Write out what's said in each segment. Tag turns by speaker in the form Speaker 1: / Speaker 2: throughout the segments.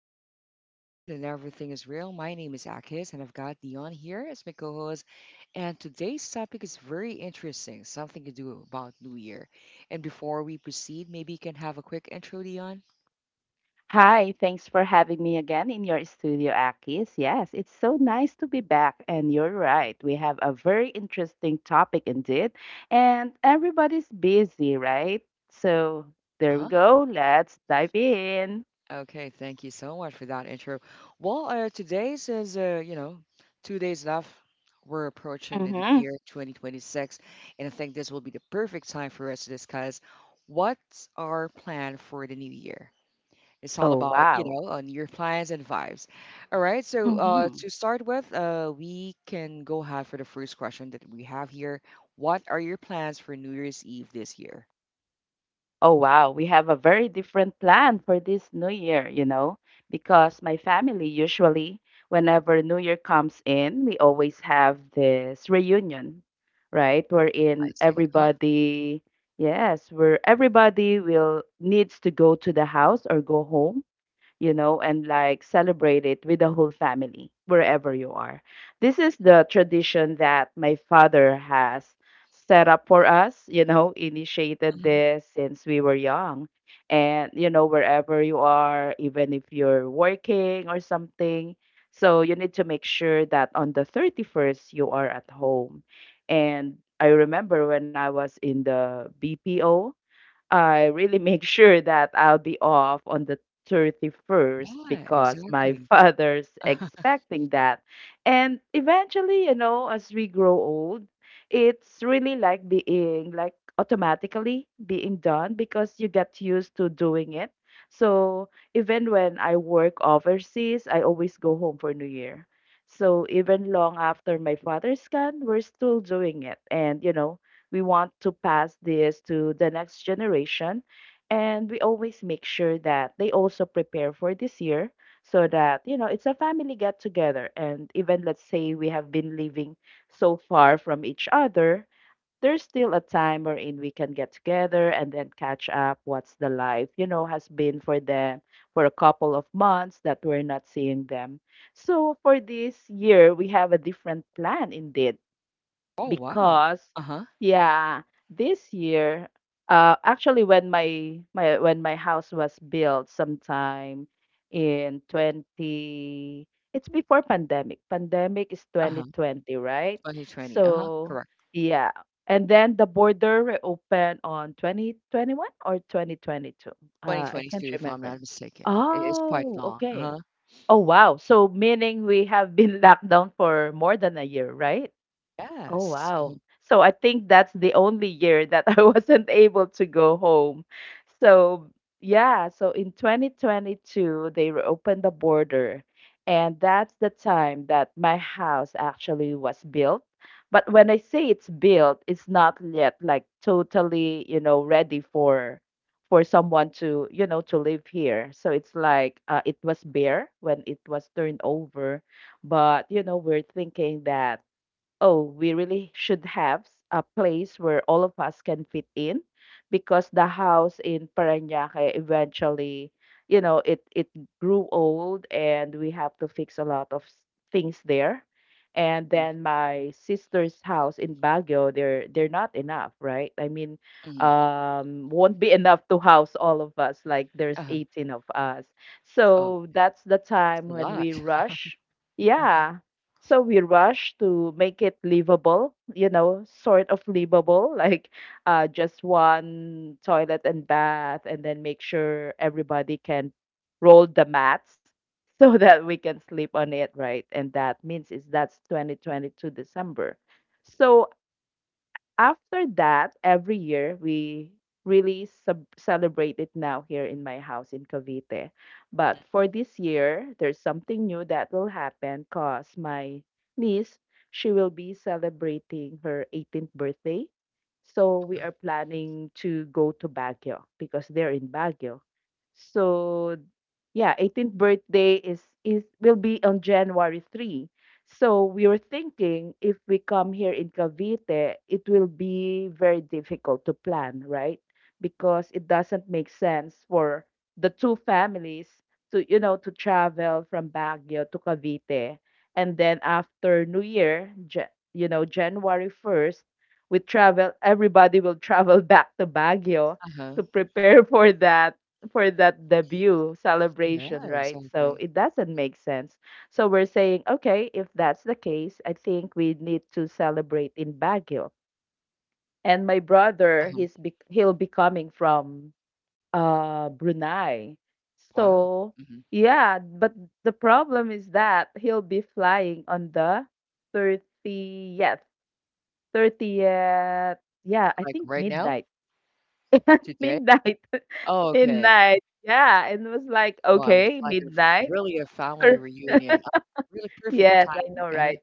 Speaker 1: easy and the vibe stays smooth and everything is real. My name is Akis and I've got Dion here as my co-host. And today's topic is very interesting, something to do about New Year. And before we proceed, maybe you can have a quick intro, Dion.
Speaker 2: Hi, thanks for having me again in your studio, Akis. Yes, it's so nice to be back. And you're right, we have a very interesting topic indeed. And everybody's busy, right? So there we go. Let's dive in.
Speaker 1: Okay, thank you so much for that intro. Well, today's is, 2 days left. We're approaching the new
Speaker 2: Mm-hmm.
Speaker 1: year, 2026, and I think this will be the perfect time for us to discuss what's our plan for the new year. It's all
Speaker 2: Oh,
Speaker 1: about, you
Speaker 2: wow.
Speaker 1: know, on your plans and vibes. All right, so
Speaker 2: Mm-hmm.
Speaker 1: to start with, we can go ahead for the first question that we have here. What are your plans for New Year's Eve this year?
Speaker 2: Oh, wow. We have a very different plan for this new year, you know, because my family usually, whenever New Year comes in, we always have this reunion, right?
Speaker 1: I
Speaker 2: Wherein
Speaker 1: see. Huh.
Speaker 2: everybody, yes, where everybody will needs to go to the house or go home, you know, and like celebrate it with the whole family wherever you are. This is the tradition that my father has set up for us, you know, initiated
Speaker 1: Mhm.
Speaker 2: this since we were young. And, you know, wherever you are, even if you're working or something, so you need to make sure that on the 31st, you are at home. And I remember when I was in the BPO, I really make sure that I'll be off on the 31st
Speaker 1: Yeah,
Speaker 2: because my
Speaker 1: exactly.
Speaker 2: father's expecting that. And eventually, you know, as we grow old, it's really like being like automatically being done because you get used to doing it. So even when I work overseas, I always go home for New Year. So even long after my father's gone, we're still doing it. And you know, we want to pass this to the next generation. And we always make sure that they also prepare for this year so that, you know, it's a family get together. And even let's say we have been living so far from each other, there's still a time wherein we can get together and then catch up what's the life, you know, has been for them for a couple of months that we're not seeing them. So for this year, we have a different plan indeed
Speaker 1: Oh, wow.
Speaker 2: because
Speaker 1: Uh-huh.
Speaker 2: yeah, this year, uh, actually when my when my house was built sometime in 20, it's before pandemic. Is
Speaker 1: Uh-huh.
Speaker 2: 2020, right?
Speaker 1: 2020. Uh-huh.
Speaker 2: So
Speaker 1: Correct.
Speaker 2: yeah, and then the border reopened on 2021 or 2022. uh I
Speaker 1: 2022,
Speaker 2: can't
Speaker 1: if I'm not
Speaker 2: remember.
Speaker 1: mistaken. It is quite
Speaker 2: Oh,
Speaker 1: long. Uh-huh.
Speaker 2: okay. Oh wow, so meaning we have been locked down for more than a year, right? Oh,
Speaker 1: Yes. Mhm,
Speaker 2: wow. So I think that's the only year that I wasn't able to go home. So, yeah, so in 2022, they reopened the border. And that's the time that my house actually was built. But when I say it's built, it's not yet like totally, you know, ready for someone to, you know, to live here. So it's like it was bare when it was turned over, but you know, we're thinking that oh, we really should have a place where all of us can fit in because the house in Parañaque eventually, you know, it grew old and we have to fix a lot of things there. And then my sister's house in Baguio, they're not enough, right? I mean,
Speaker 1: mhm,
Speaker 2: won't be enough to house all of us. Like there's
Speaker 1: uh-huh.
Speaker 2: 18 of us,
Speaker 1: Oh,
Speaker 2: so that's the time
Speaker 1: it's a
Speaker 2: when
Speaker 1: lot.
Speaker 2: we rush.
Speaker 1: Uh-huh.
Speaker 2: Yeah, so we rush to make it livable, you know, sort of livable, like, just one toilet and bath, and then make sure everybody can roll the mats so that we can sleep on it, right? And that means is that's 2022 December. So after that, every year we really celebrate it now here in my house in Cavite. But for this year, there's something new that will happen because my niece, she will be celebrating her 18th birthday. So we are planning to go to Baguio because they're in Baguio. So yeah, 18th birthday is will be on January 3. So we were thinking if we come here in Cavite, it will be very difficult to plan, right? Because it doesn't make sense for the two families to, you know, to travel from Baguio to Cavite. And then after New Year, you know, January 1st, we travel, everybody will travel back to Baguio
Speaker 1: Uh-huh.
Speaker 2: to prepare for that, for that debut
Speaker 1: Yeah,
Speaker 2: celebration, right? So
Speaker 1: exactly.
Speaker 2: it doesn't make sense. So we're saying, okay, if that's the case, I think we need to celebrate in Baguio. And my brother,
Speaker 1: Uh-huh.
Speaker 2: he'll be coming from, uh, Brunei.
Speaker 1: Wow.
Speaker 2: So
Speaker 1: hmm
Speaker 2: yeah, but the problem is that he'll be flying on the 30th, 30th, yeah, I
Speaker 1: Like
Speaker 2: think
Speaker 1: right now,
Speaker 2: midnight.
Speaker 1: today?
Speaker 2: midnight.
Speaker 1: Oh, okay.
Speaker 2: midnight. Yeah, and it was like,
Speaker 1: Wow. It's
Speaker 2: okay,
Speaker 1: like a,
Speaker 2: midnight.
Speaker 1: really a family reunion. Really perfect
Speaker 2: yes, I
Speaker 1: timing.
Speaker 2: know,
Speaker 1: Uh-huh.
Speaker 2: right?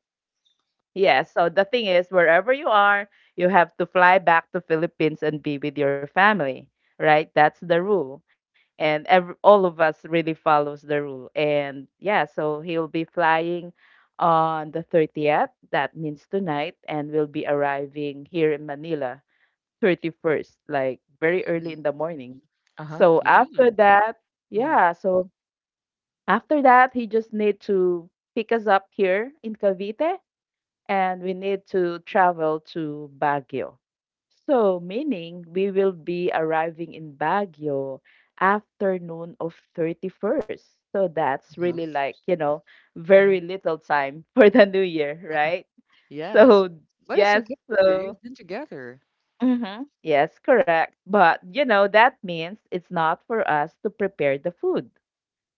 Speaker 2: Yeah, so the thing is, wherever you are, you have to fly back to Philippines and be with your family, right? That's the rule. And every, all of us really follows the rule. And yeah, so he'll be flying on the 30th, that means tonight, and will be arriving here in Manila 31st, like very early
Speaker 1: mhm,
Speaker 2: in the morning.
Speaker 1: Uh-huh.
Speaker 2: So
Speaker 1: Yeah.
Speaker 2: after that,
Speaker 1: hmm
Speaker 2: yeah, so after that, he just need to pick us up here in Cavite and we need to travel to Baguio. So, meaning we will be arriving in Baguio afternoon of 31st. So that's
Speaker 1: Uh-huh.
Speaker 2: really like, you know,
Speaker 1: hmm
Speaker 2: very little time for the new year, right?
Speaker 1: Yes.
Speaker 2: So,
Speaker 1: But it's
Speaker 2: yes,
Speaker 1: okay. You're,
Speaker 2: so
Speaker 1: you've been together.
Speaker 2: hmm yes, correct. But, you know, that means it's not for us to prepare the food.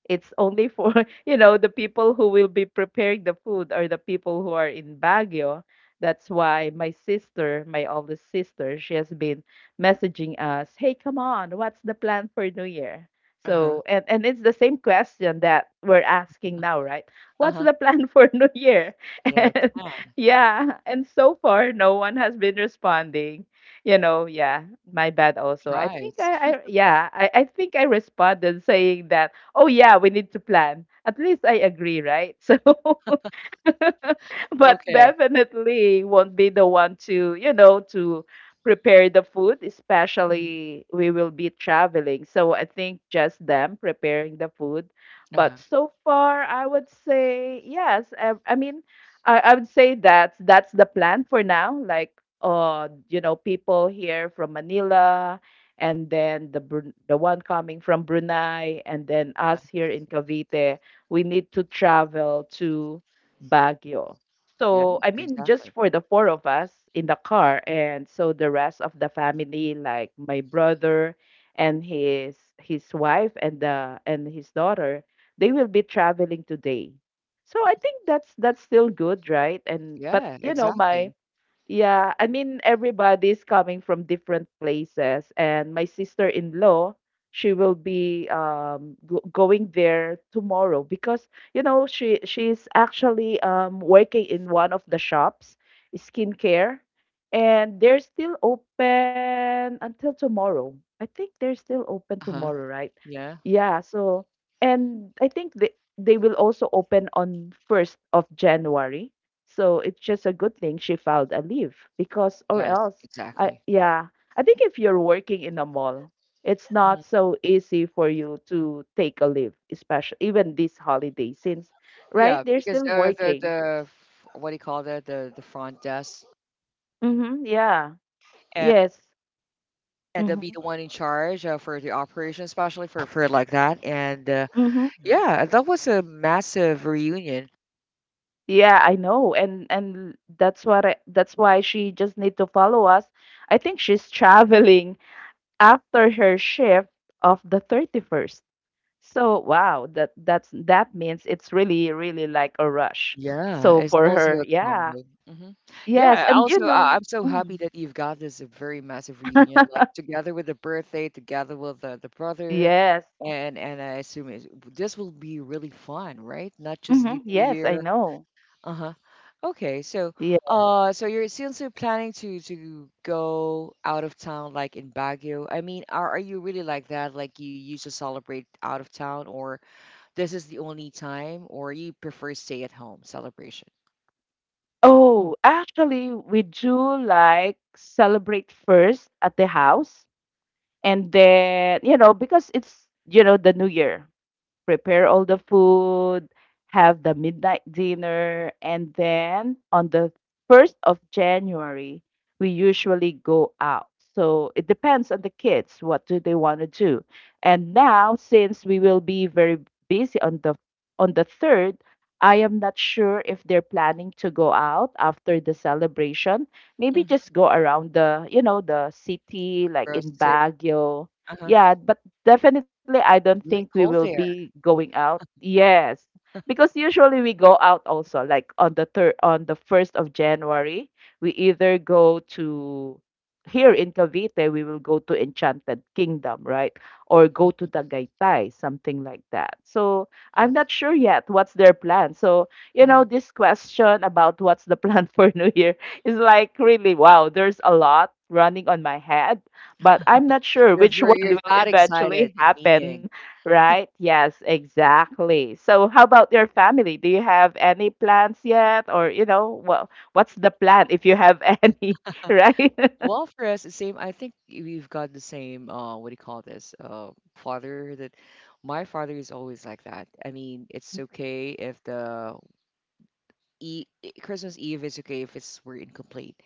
Speaker 2: It's only for, you know, the people who will be preparing the food or the people who are in Baguio. That's why my sister, my oldest sister, she has been messaging us, "Hey, come on, what's the plan for New Year?"
Speaker 1: Uh-huh.
Speaker 2: So, and it's the same question that we're asking now, right? What's
Speaker 1: Uh-huh.
Speaker 2: the plan for New Year?
Speaker 1: Yeah,
Speaker 2: And
Speaker 1: plan.
Speaker 2: yeah, and so far no one has been responding, you know, yeah, my bad also. I think
Speaker 1: Surprise.
Speaker 2: I yeah, I think I responded saying that oh yeah, we need to plan. At least I agree, right? So, but
Speaker 1: Okay.
Speaker 2: definitely won't be the one to, you know, to prepare the food,
Speaker 1: Mhm.
Speaker 2: especially we will be traveling. So I think just them preparing the food. But
Speaker 1: Uh-huh.
Speaker 2: so far, I would say yes. I mean, I would say that that's the plan for now. Like, you know, people here from Manila and then the the one coming from Brunei, and then
Speaker 1: Uh,
Speaker 2: us here in Cavite, we need to travel to Baguio.
Speaker 1: Yeah,
Speaker 2: So, I mean, just
Speaker 1: exactly.
Speaker 2: for the four of us in the car, and so the rest of the family, like my brother and his wife and the and his daughter, they will be traveling today. So I think that's still good, right? And but
Speaker 1: Yeah,
Speaker 2: you know, my
Speaker 1: exactly.
Speaker 2: yeah, I mean everybody's coming from different places, and my sister-in-law, she will be, um, go going there tomorrow because you know she's actually, um, working in one of the shops, skincare, and they're still open until tomorrow. I think they're still open
Speaker 1: Uh-huh.
Speaker 2: tomorrow, right?
Speaker 1: Yeah.
Speaker 2: Yeah, so and I think they will also open on 1st of January. So it's just a good thing she filed a leave, because, or
Speaker 1: Yes,
Speaker 2: else, I
Speaker 1: exactly.
Speaker 2: yeah, I think if you're working in a mall, it's not
Speaker 1: Mhm.
Speaker 2: so easy for you to take a leave, especially even this holiday since,
Speaker 1: Yeah,
Speaker 2: right? They're
Speaker 1: because
Speaker 2: still working.
Speaker 1: the what do you call that? The front desk,
Speaker 2: Mm-hmm. Yeah.
Speaker 1: and,
Speaker 2: Yes.
Speaker 1: and they'll be
Speaker 2: Mm-hmm.
Speaker 1: the one in charge for the operation, especially for like that. And
Speaker 2: Mm-hmm.
Speaker 1: yeah, that was a massive reunion.
Speaker 2: Yeah, I know. And that's what I, that's why she just need to follow us. I think she's traveling after her shift of the 31st. So wow, that that means it's really really like a rush.
Speaker 1: Yeah,
Speaker 2: So
Speaker 1: it's
Speaker 2: for
Speaker 1: also
Speaker 2: her,
Speaker 1: a
Speaker 2: yeah,
Speaker 1: combo. Hmm
Speaker 2: yes,
Speaker 1: Yeah,
Speaker 2: and you
Speaker 1: also,
Speaker 2: know,
Speaker 1: I I'm so happy
Speaker 2: mm,
Speaker 1: that you've got this very massive reunion, like together with the birthday, together with the brother,
Speaker 2: yes,
Speaker 1: and I assume it's, this will be really fun, right? Not just you
Speaker 2: hmm
Speaker 1: New
Speaker 2: yes, I
Speaker 1: Year.
Speaker 2: know.
Speaker 1: Uh-huh. Okay,
Speaker 2: Yeah.
Speaker 1: so so you're since you're planning to go out of town, like in Baguio. I mean, are you really like that? Like you used to celebrate out of town, or this is the only time, or you prefer stay at home celebration?
Speaker 2: Oh, actually, we do like celebrate first at the house, and then you know because it's you know the New Year, prepare all the food, have the midnight dinner, and then on the 1st of January, we usually go out. So it depends on the kids what do they want to do. And now since we will be very busy on the 3rd, I am not sure if they're planning to go out after the celebration. Maybe just
Speaker 1: Mhm.
Speaker 2: go around the, you know, the city like in
Speaker 1: Frozen City,
Speaker 2: Baguio.
Speaker 1: uh-huh.
Speaker 2: Yeah, but definitely, I don't think
Speaker 1: Really
Speaker 2: we will
Speaker 1: cold
Speaker 2: be
Speaker 1: there.
Speaker 2: going out. Yes. Because usually we go out also, like on the third, on the 1st of January, we either go to here in Cavite, we will go to Enchanted Kingdom, right? Or go to Tagaytay, something like that. So
Speaker 1: Mhm,
Speaker 2: I'm not sure yet what's their plan. So, you
Speaker 1: mhm.
Speaker 2: know, this question about what's the plan for New Year is like really wow, there's a lot running on my head but I'm not sure
Speaker 1: You're
Speaker 2: which
Speaker 1: very
Speaker 2: one
Speaker 1: you're
Speaker 2: will
Speaker 1: that excited
Speaker 2: eventually
Speaker 1: in
Speaker 2: happen,
Speaker 1: meeting.
Speaker 2: right? Yes, exactly. So how about your family? Do you have any plans yet or you know, what what's the plan if you have any, right?
Speaker 1: Well, for us, the same. I think we've got the same. What do you call this? Father. That my father is always like that. I mean, it's okay if the e Christmas Eve is okay if it's we're incomplete,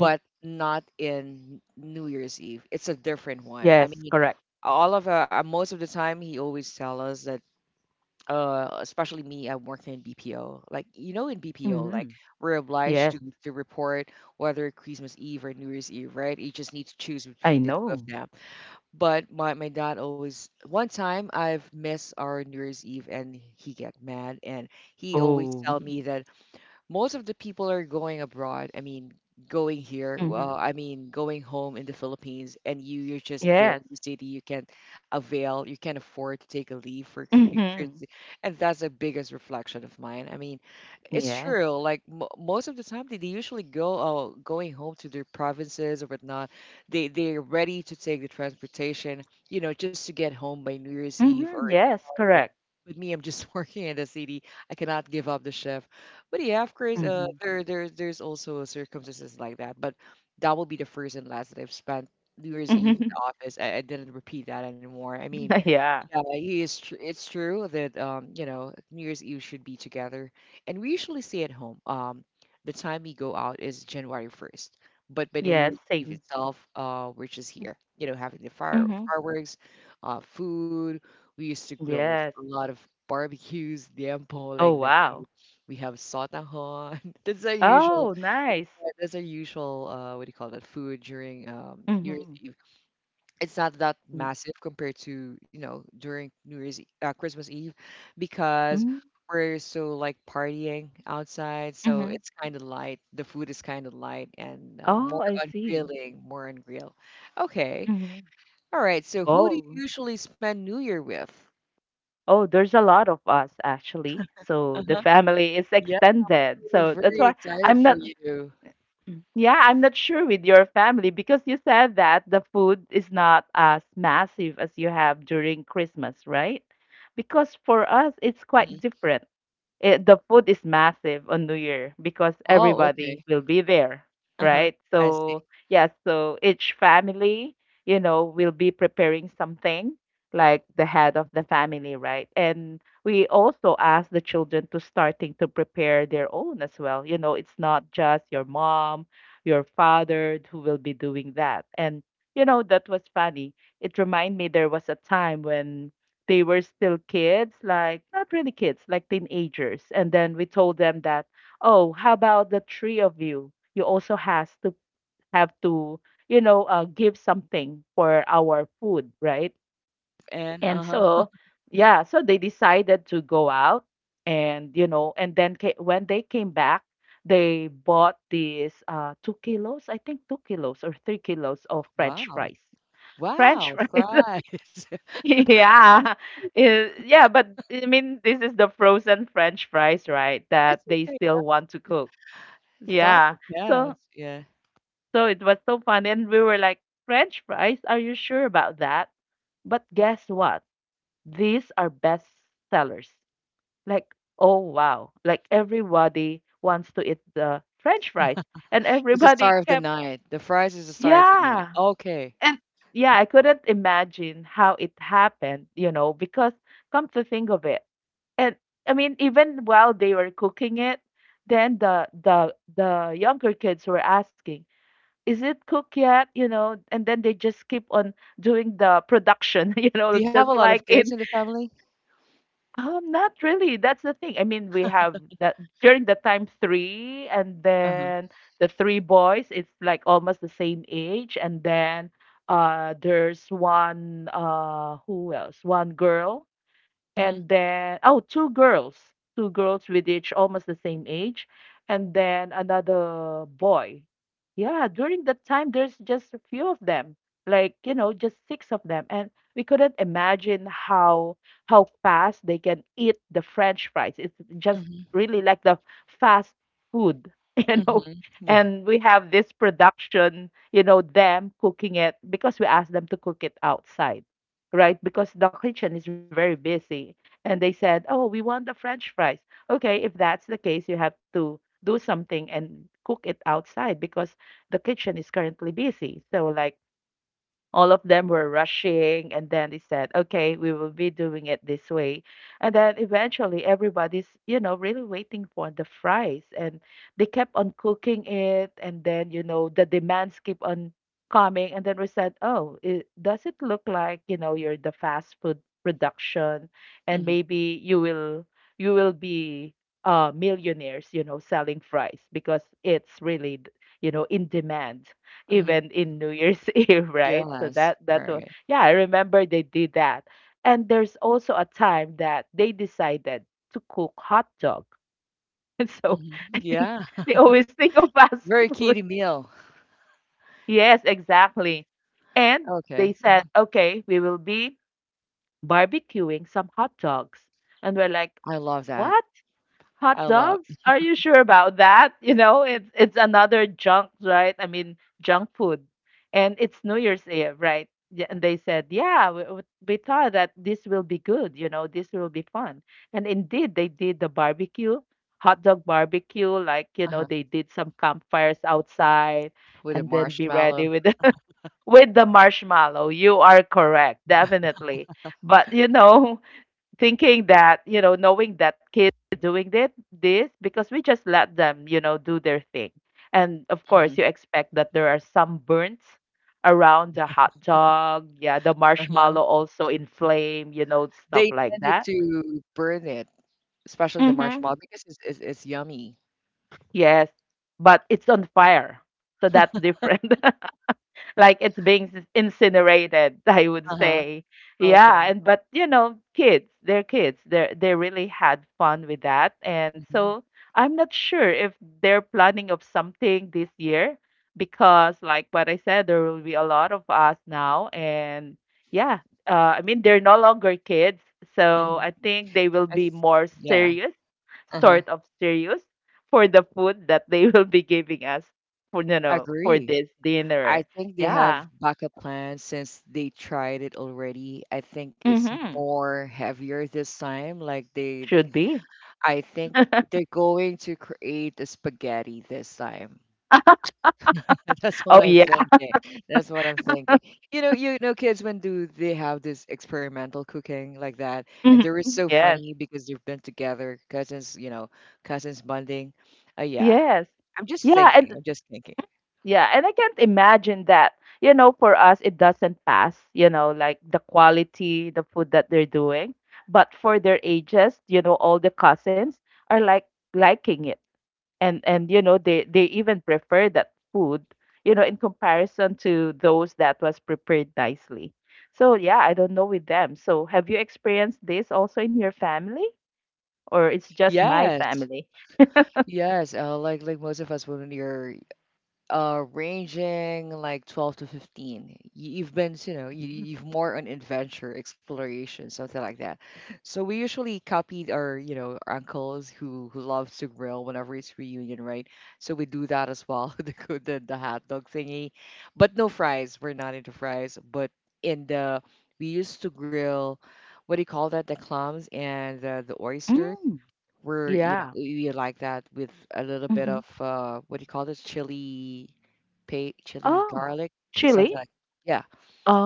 Speaker 2: Mm,
Speaker 1: not in New Year's Eve. It's a different one. I
Speaker 2: yes,
Speaker 1: mean,
Speaker 2: correct.
Speaker 1: all of most of the time, he always tell us that. Especially me, I'm working in BPO like in BPO
Speaker 2: Hmm
Speaker 1: like we're
Speaker 2: yes,
Speaker 1: obliged to report whether Christmas Eve or New Year's Eve, right, you just need to choose
Speaker 2: I
Speaker 1: between the
Speaker 2: know.
Speaker 1: two of them. But my dad, always, one time I've missed our New Year's Eve and he get mad, and he always
Speaker 2: Oh.
Speaker 1: tell me that most of the people are going abroad. I mean, going here.
Speaker 2: Hmm
Speaker 1: Well, I mean, going home in the Philippines, and you're just there
Speaker 2: yes.
Speaker 1: in the city. You can avail. You can't afford to take a leave for you
Speaker 2: Hmm
Speaker 1: crazy, and that's the biggest reflection of mine. I mean, it's
Speaker 2: yes.
Speaker 1: true. Like mo most of the time, they usually go going home to their provinces or whatnot. They're ready to take the transportation, just to get home by New Year's Eve
Speaker 2: Hmm
Speaker 1: or
Speaker 2: yes,
Speaker 1: day.
Speaker 2: correct.
Speaker 1: With me, I'm just working in the city. I cannot give up the shift. But yeah, of course,
Speaker 2: Hmm
Speaker 1: there's also circumstances like that. But that will be the first and last that I've spent New Year's Eve in the office. I didn't repeat that anymore. I mean,
Speaker 2: yeah.
Speaker 1: yeah, it's true that New Year's Eve should be together. And we usually stay at home. The time we go out is January 1st. But by New
Speaker 2: Yes,
Speaker 1: Year's Eve
Speaker 2: same.
Speaker 1: itself, we're just here, having the fire
Speaker 2: Hmm
Speaker 1: fireworks, food. We used to grill a
Speaker 2: yes.
Speaker 1: lot of barbecues, dampo
Speaker 2: Oh,
Speaker 1: like that.
Speaker 2: wow.
Speaker 1: We have sotahon. That's our usual
Speaker 2: Oh, nice.
Speaker 1: that's our usual what do you call that food during New Year's
Speaker 2: Mhm.
Speaker 1: Eve? It's not that
Speaker 2: Mm.
Speaker 1: massive compared to during Christmas Eve, because
Speaker 2: Mm,
Speaker 1: we're so like partying outside, so
Speaker 2: mhm.
Speaker 1: it's kind of light, the food is kind of light and
Speaker 2: Oh,
Speaker 1: more
Speaker 2: I
Speaker 1: on
Speaker 2: see.
Speaker 1: grilling, more on grill. Okay,
Speaker 2: Mhm.
Speaker 1: all right, so who do you
Speaker 2: Oh.
Speaker 1: usually spend New Year with?
Speaker 2: Oh, there's a lot of us actually. So the
Speaker 1: Uh-huh.
Speaker 2: family is
Speaker 1: Yeah,
Speaker 2: extended.
Speaker 1: so
Speaker 2: So that's
Speaker 1: very
Speaker 2: why
Speaker 1: excited
Speaker 2: I'm
Speaker 1: for
Speaker 2: not
Speaker 1: you.
Speaker 2: Mm. Yeah, I'm not sure with your family because you said that the food is not as massive as you have during Christmas, right? Because for us, it's quite different. The food is massive on New Year because
Speaker 1: Oh,
Speaker 2: everybody
Speaker 1: okay.
Speaker 2: will be there,
Speaker 1: Uh-huh.
Speaker 2: right?
Speaker 1: I see.
Speaker 2: So, yeah, so each family, you know, will be preparing something like the head of the family, right? And we also ask the children to starting to prepare their own as well. You know, it's not just your mom, your father who will be doing that. And you know, that was funny. It reminded me there was a time when they were still kids, like not really kids, like teenagers. And then we told them that, oh, how about the three of you? You also has to have to, you know, give something for our food, right?
Speaker 1: And
Speaker 2: And
Speaker 1: uh-huh.
Speaker 2: so, yeah, so they decided to go out, and you know, and then when they came back, they bought these 2 kilos, I think 2 kilos or 3 kilos of French
Speaker 1: Wow,
Speaker 2: fries. French
Speaker 1: wow
Speaker 2: fries.
Speaker 1: fries. Yeah,
Speaker 2: Yeah. Yeah, but I mean, this is the frozen French fries, right? That
Speaker 1: it's
Speaker 2: they
Speaker 1: okay
Speaker 2: still want to cook.
Speaker 1: thought
Speaker 2: Yeah.
Speaker 1: of, yeah,
Speaker 2: So
Speaker 1: yeah.
Speaker 2: so it was so fun. And we were like, French fries, are you sure about that? But guess what? These are best sellers. Like, oh wow. Like everybody wants to eat the French fries. And
Speaker 1: He's the star
Speaker 2: everybody
Speaker 1: of the
Speaker 2: kept,
Speaker 1: night. The fries is the star of the night.
Speaker 2: yeah.
Speaker 1: Okay.
Speaker 2: And yeah, I couldn't imagine how it happened, you know, because come to think of it, and I mean, even while they were cooking it, then the younger kids were asking, "Is it cooked yet?" You know, and then they just keep on doing the production, you know,
Speaker 1: Do you have a
Speaker 2: just
Speaker 1: lot of
Speaker 2: like
Speaker 1: kids in
Speaker 2: in
Speaker 1: the family?
Speaker 2: not really. That's the thing. I mean, we have that during the time three, and
Speaker 1: Uh-huh.
Speaker 2: then the three boys, it's like almost the same age. And then there's one, who else? One girl,
Speaker 1: Mhm.
Speaker 2: and then oh, two girls, two girls with each almost the same age, and then another boy. Yeah, during that time there's just a few of them, like you know, just six of them, and we couldn't imagine how fast they can eat the french fries. It's just
Speaker 1: Mhm.
Speaker 2: really like the fast food, you know.
Speaker 1: Mhm. Yeah.
Speaker 2: And we have this production, you know, them cooking it because we asked them to cook it outside, right? Because the kitchen is very busy. And they said, "Oh, we want the French fries." Okay, if that's the case, you have to do something and cook it outside because the kitchen is currently busy. So like all of them were rushing, and then they said okay, we will be doing it this way. And then eventually everybody's, you know, really waiting for the fries, and they kept on cooking it, and then you know the demands keep on coming. And then we said, oh does it look like, you know, you're the fast food production, and
Speaker 1: Mhm.
Speaker 2: maybe you will be uh, millionaires, you know, selling fries because it's really, you know, in demand
Speaker 1: Mhm.
Speaker 2: event in New Year's Eve, right? So
Speaker 1: Yes.
Speaker 2: that was,
Speaker 1: Right.
Speaker 2: yeah, I remember they did that. And there's also a time that they decided to cook hot dog. And so
Speaker 1: Mhm.
Speaker 2: I think
Speaker 1: Yeah.
Speaker 2: they always think of fast
Speaker 1: Very
Speaker 2: food.
Speaker 1: kiddie meal.
Speaker 2: Yes, exactly. And they
Speaker 1: Okay.
Speaker 2: said,
Speaker 1: Mhm.
Speaker 2: okay, we will be barbecuing some hot dogs. And we're like,
Speaker 1: I love that.
Speaker 2: what? Hot
Speaker 1: I love.
Speaker 2: dogs? Are you sure about that? You know, it's another junk, right? I mean, junk food. And it's New Year's Eve, right? Yeah. And they said, yeah, we thought that this will be good, you know, this will be fun. And indeed, they did the barbecue, hot dog barbecue, like, you know,
Speaker 1: Uh-huh.
Speaker 2: they did some campfires outside,
Speaker 1: With a
Speaker 2: and then be
Speaker 1: marshmallow.
Speaker 2: ready with the, with the marshmallow. You are correct, definitely. But, you know, thinking that you know, knowing that kids are doing that this because we just let them, you know, do their thing, and of course
Speaker 1: Mhm.
Speaker 2: you expect that there are some burns around the hot dog. Yeah, the
Speaker 1: Uh-huh.
Speaker 2: marshmallow also in flame, you know, stuff
Speaker 1: They
Speaker 2: like
Speaker 1: tended
Speaker 2: that.
Speaker 1: to burn it, especially the
Speaker 2: Mm-hmm.
Speaker 1: marshmallow because it's, it's yummy.
Speaker 2: Yes, but it's on fire, so that's different. Like it's being incinerated, I would
Speaker 1: Uh-huh.
Speaker 2: say. Yeah,
Speaker 1: Okay.
Speaker 2: and but you know, kids, they're kids, they really had fun with that. And
Speaker 1: Mhm.
Speaker 2: so I'm not sure if they're planning of something this year, because like what I said, there will be a lot of us now. And yeah, I mean, they're no longer kids, so
Speaker 1: Mhm.
Speaker 2: I think they will be
Speaker 1: It's,
Speaker 2: more
Speaker 1: yeah.
Speaker 2: serious,
Speaker 1: Uh-huh.
Speaker 2: sort of serious for the food that they will be giving us for, you know, for
Speaker 1: Agree.
Speaker 2: this
Speaker 1: I
Speaker 2: dinner.
Speaker 1: think they have
Speaker 2: Yeah.
Speaker 1: backup plans since they tried it already. I think it's
Speaker 2: Mhm.
Speaker 1: more heavier this time. Like
Speaker 2: Should be.
Speaker 1: I think they're going to create a spaghetti this time. That's what
Speaker 2: Oh,
Speaker 1: I'm
Speaker 2: yeah.
Speaker 1: thinking. That's what I'm thinking. You know, kids, when do they have this experimental cooking like that? And
Speaker 2: Mhm.
Speaker 1: they were so
Speaker 2: Yes.
Speaker 1: funny because they've been together, cousins. You know, cousins bonding. Yeah,
Speaker 2: Yes.
Speaker 1: I'm just
Speaker 2: Yeah,
Speaker 1: thinking.
Speaker 2: and
Speaker 1: I'm just thinking.
Speaker 2: yeah, and I can't imagine that, you know, for us, it doesn't pass, you know, like the quality, the food that they're doing. But for their ages, you know, all the cousins are like liking it. And you know, they even prefer that food, you know, in comparison to those that was prepared nicely. So yeah, I don't know with them. So have you experienced this also in your family? Or it's just my
Speaker 1: Yes.
Speaker 2: family.
Speaker 1: Yes, like most of us when you're ranging like 12 to 15. You've been, you know,
Speaker 2: Mhm.
Speaker 1: you've more on adventure exploration, something like that, so we usually copied our you know our uncles who love to grill whenever it's reunion, right? So we do that as well. The hot dog thingy, but no fries. We're not into fries, but in the we used to grill, what do you call that, the clams and the oysters.
Speaker 2: Mm,
Speaker 1: we're, you know,
Speaker 2: yeah.
Speaker 1: we like that with a little bit
Speaker 2: Mhm.
Speaker 1: of what do you call this? Chili, pa chili
Speaker 2: Oh,
Speaker 1: garlic, something
Speaker 2: chili?
Speaker 1: like. Yeah,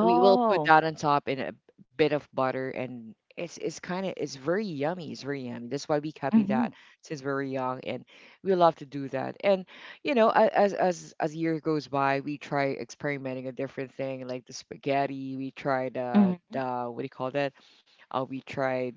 Speaker 1: we will put that on top in a bit of butter, and it's kind of it's very yummy. It's very yummy. That's why we copy
Speaker 2: Mhm.
Speaker 1: that since we were young, and we love to do that. And you know, as year goes by, we try experimenting a different thing, like the spaghetti. We tried
Speaker 2: Mhm.
Speaker 1: the, what do you call that? We tried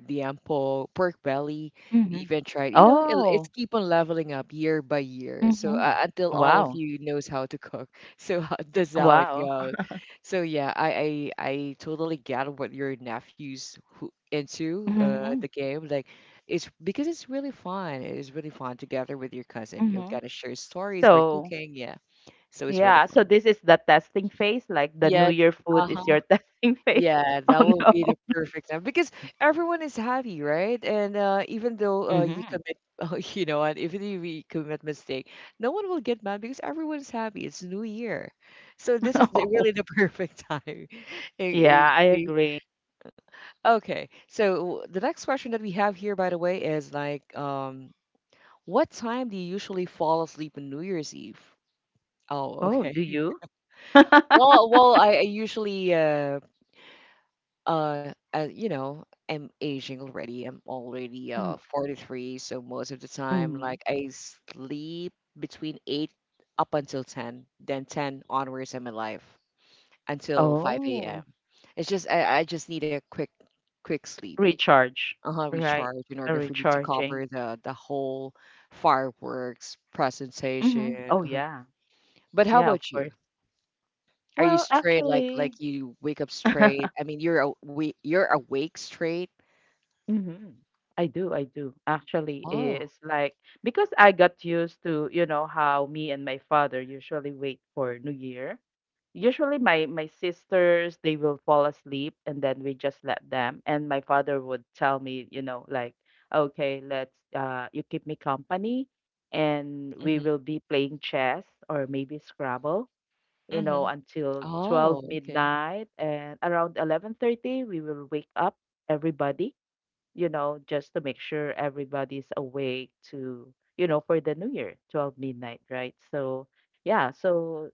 Speaker 1: the ample pork belly. We
Speaker 2: Mhm.
Speaker 1: even tried, it's
Speaker 2: Oh.
Speaker 1: keep on leveling up year by year. So
Speaker 2: Mhm.
Speaker 1: until all of
Speaker 2: Wow.
Speaker 1: you knows how to cook. So that's how it
Speaker 2: Wow.
Speaker 1: goes. So yeah, I totally get what your nephews who into
Speaker 2: Mhm.
Speaker 1: the game. Like, it's because it's really fun. It's really fun together with your cousin. You'll
Speaker 2: Mhm.
Speaker 1: get to share stories, we're
Speaker 2: So,
Speaker 1: cooking, yeah. So it's really
Speaker 2: yeah, so
Speaker 1: fun.
Speaker 2: this is the testing phase, like the New
Speaker 1: Yeah.
Speaker 2: Year food is
Speaker 1: Uh-huh.
Speaker 2: your testing phase.
Speaker 1: Yeah, that
Speaker 2: Oh
Speaker 1: will
Speaker 2: no.
Speaker 1: be the perfect time because everyone is happy, right? And even though you
Speaker 2: Mhm.
Speaker 1: commit, oh, and if you commit mistake, no one will get mad because everyone is happy. It's New Year, so this is really
Speaker 2: Oh.
Speaker 1: the perfect time. Eh, eh,
Speaker 2: Yeah, I
Speaker 1: see?
Speaker 2: agree.
Speaker 1: Okay. So the next question that we have here, by the way, is like, what time do you usually fall asleep on New Year's Eve? Oh,
Speaker 2: Oh,
Speaker 1: okay.
Speaker 2: do you?
Speaker 1: Well, I usually, I'm aging already. I'm already
Speaker 2: Mhm.
Speaker 1: 43, so most of the time,
Speaker 2: Mhm.
Speaker 1: like, I sleep between 8 up until 10, then 10 onwards, I'm alive until 5 a.m.
Speaker 2: Oh.
Speaker 1: It's just I just need a quick sleep.
Speaker 2: Recharge,
Speaker 1: Uh-huh,
Speaker 2: right?
Speaker 1: recharge in
Speaker 2: A
Speaker 1: order for me to
Speaker 2: recharging.
Speaker 1: cover the whole fireworks
Speaker 2: Mhm.
Speaker 1: presentation.
Speaker 2: Oh, yeah.
Speaker 1: But how
Speaker 2: Yeah, of
Speaker 1: about you?
Speaker 2: course.
Speaker 1: Are you
Speaker 2: Well,
Speaker 1: straight? Like
Speaker 2: actually,
Speaker 1: like you wake up straight? I mean, you're awake. You're awake straight.
Speaker 2: mhm. I do, I do. Actually,
Speaker 1: Oh.
Speaker 2: it's like because I got used to, you know, how me and my father usually wait for New Year. Usually my sisters, they will fall asleep and then we just let them. And my father would tell me, you know, like, okay, let's you keep me company and we
Speaker 1: Mhm.
Speaker 2: will be playing chess or maybe Scrabble, you know,
Speaker 1: Mhm.
Speaker 2: until 12
Speaker 1: Oh. Okay.
Speaker 2: midnight, and around 11:30 we will wake up everybody, you know, just to make sure everybody's awake to, you know, for the new year, 12 midnight, right? So, yeah, so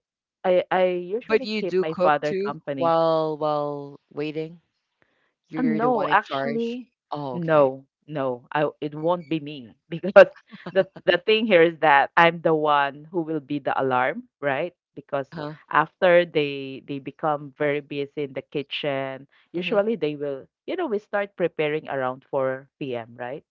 Speaker 2: I
Speaker 1: But
Speaker 2: usually
Speaker 1: you
Speaker 2: keep
Speaker 1: do
Speaker 2: my
Speaker 1: cook
Speaker 2: father
Speaker 1: too
Speaker 2: company.
Speaker 1: while waiting. You're the one in
Speaker 2: No,
Speaker 1: charge.
Speaker 2: actually,
Speaker 1: Oh. Okay.
Speaker 2: no, I it won't be me because the thing here is that I'm the one who will be the alarm, right? Because
Speaker 1: Huh.
Speaker 2: after they become very busy in the kitchen,
Speaker 1: Mhm.
Speaker 2: usually they will, you know, we start preparing around 4 p.m., right?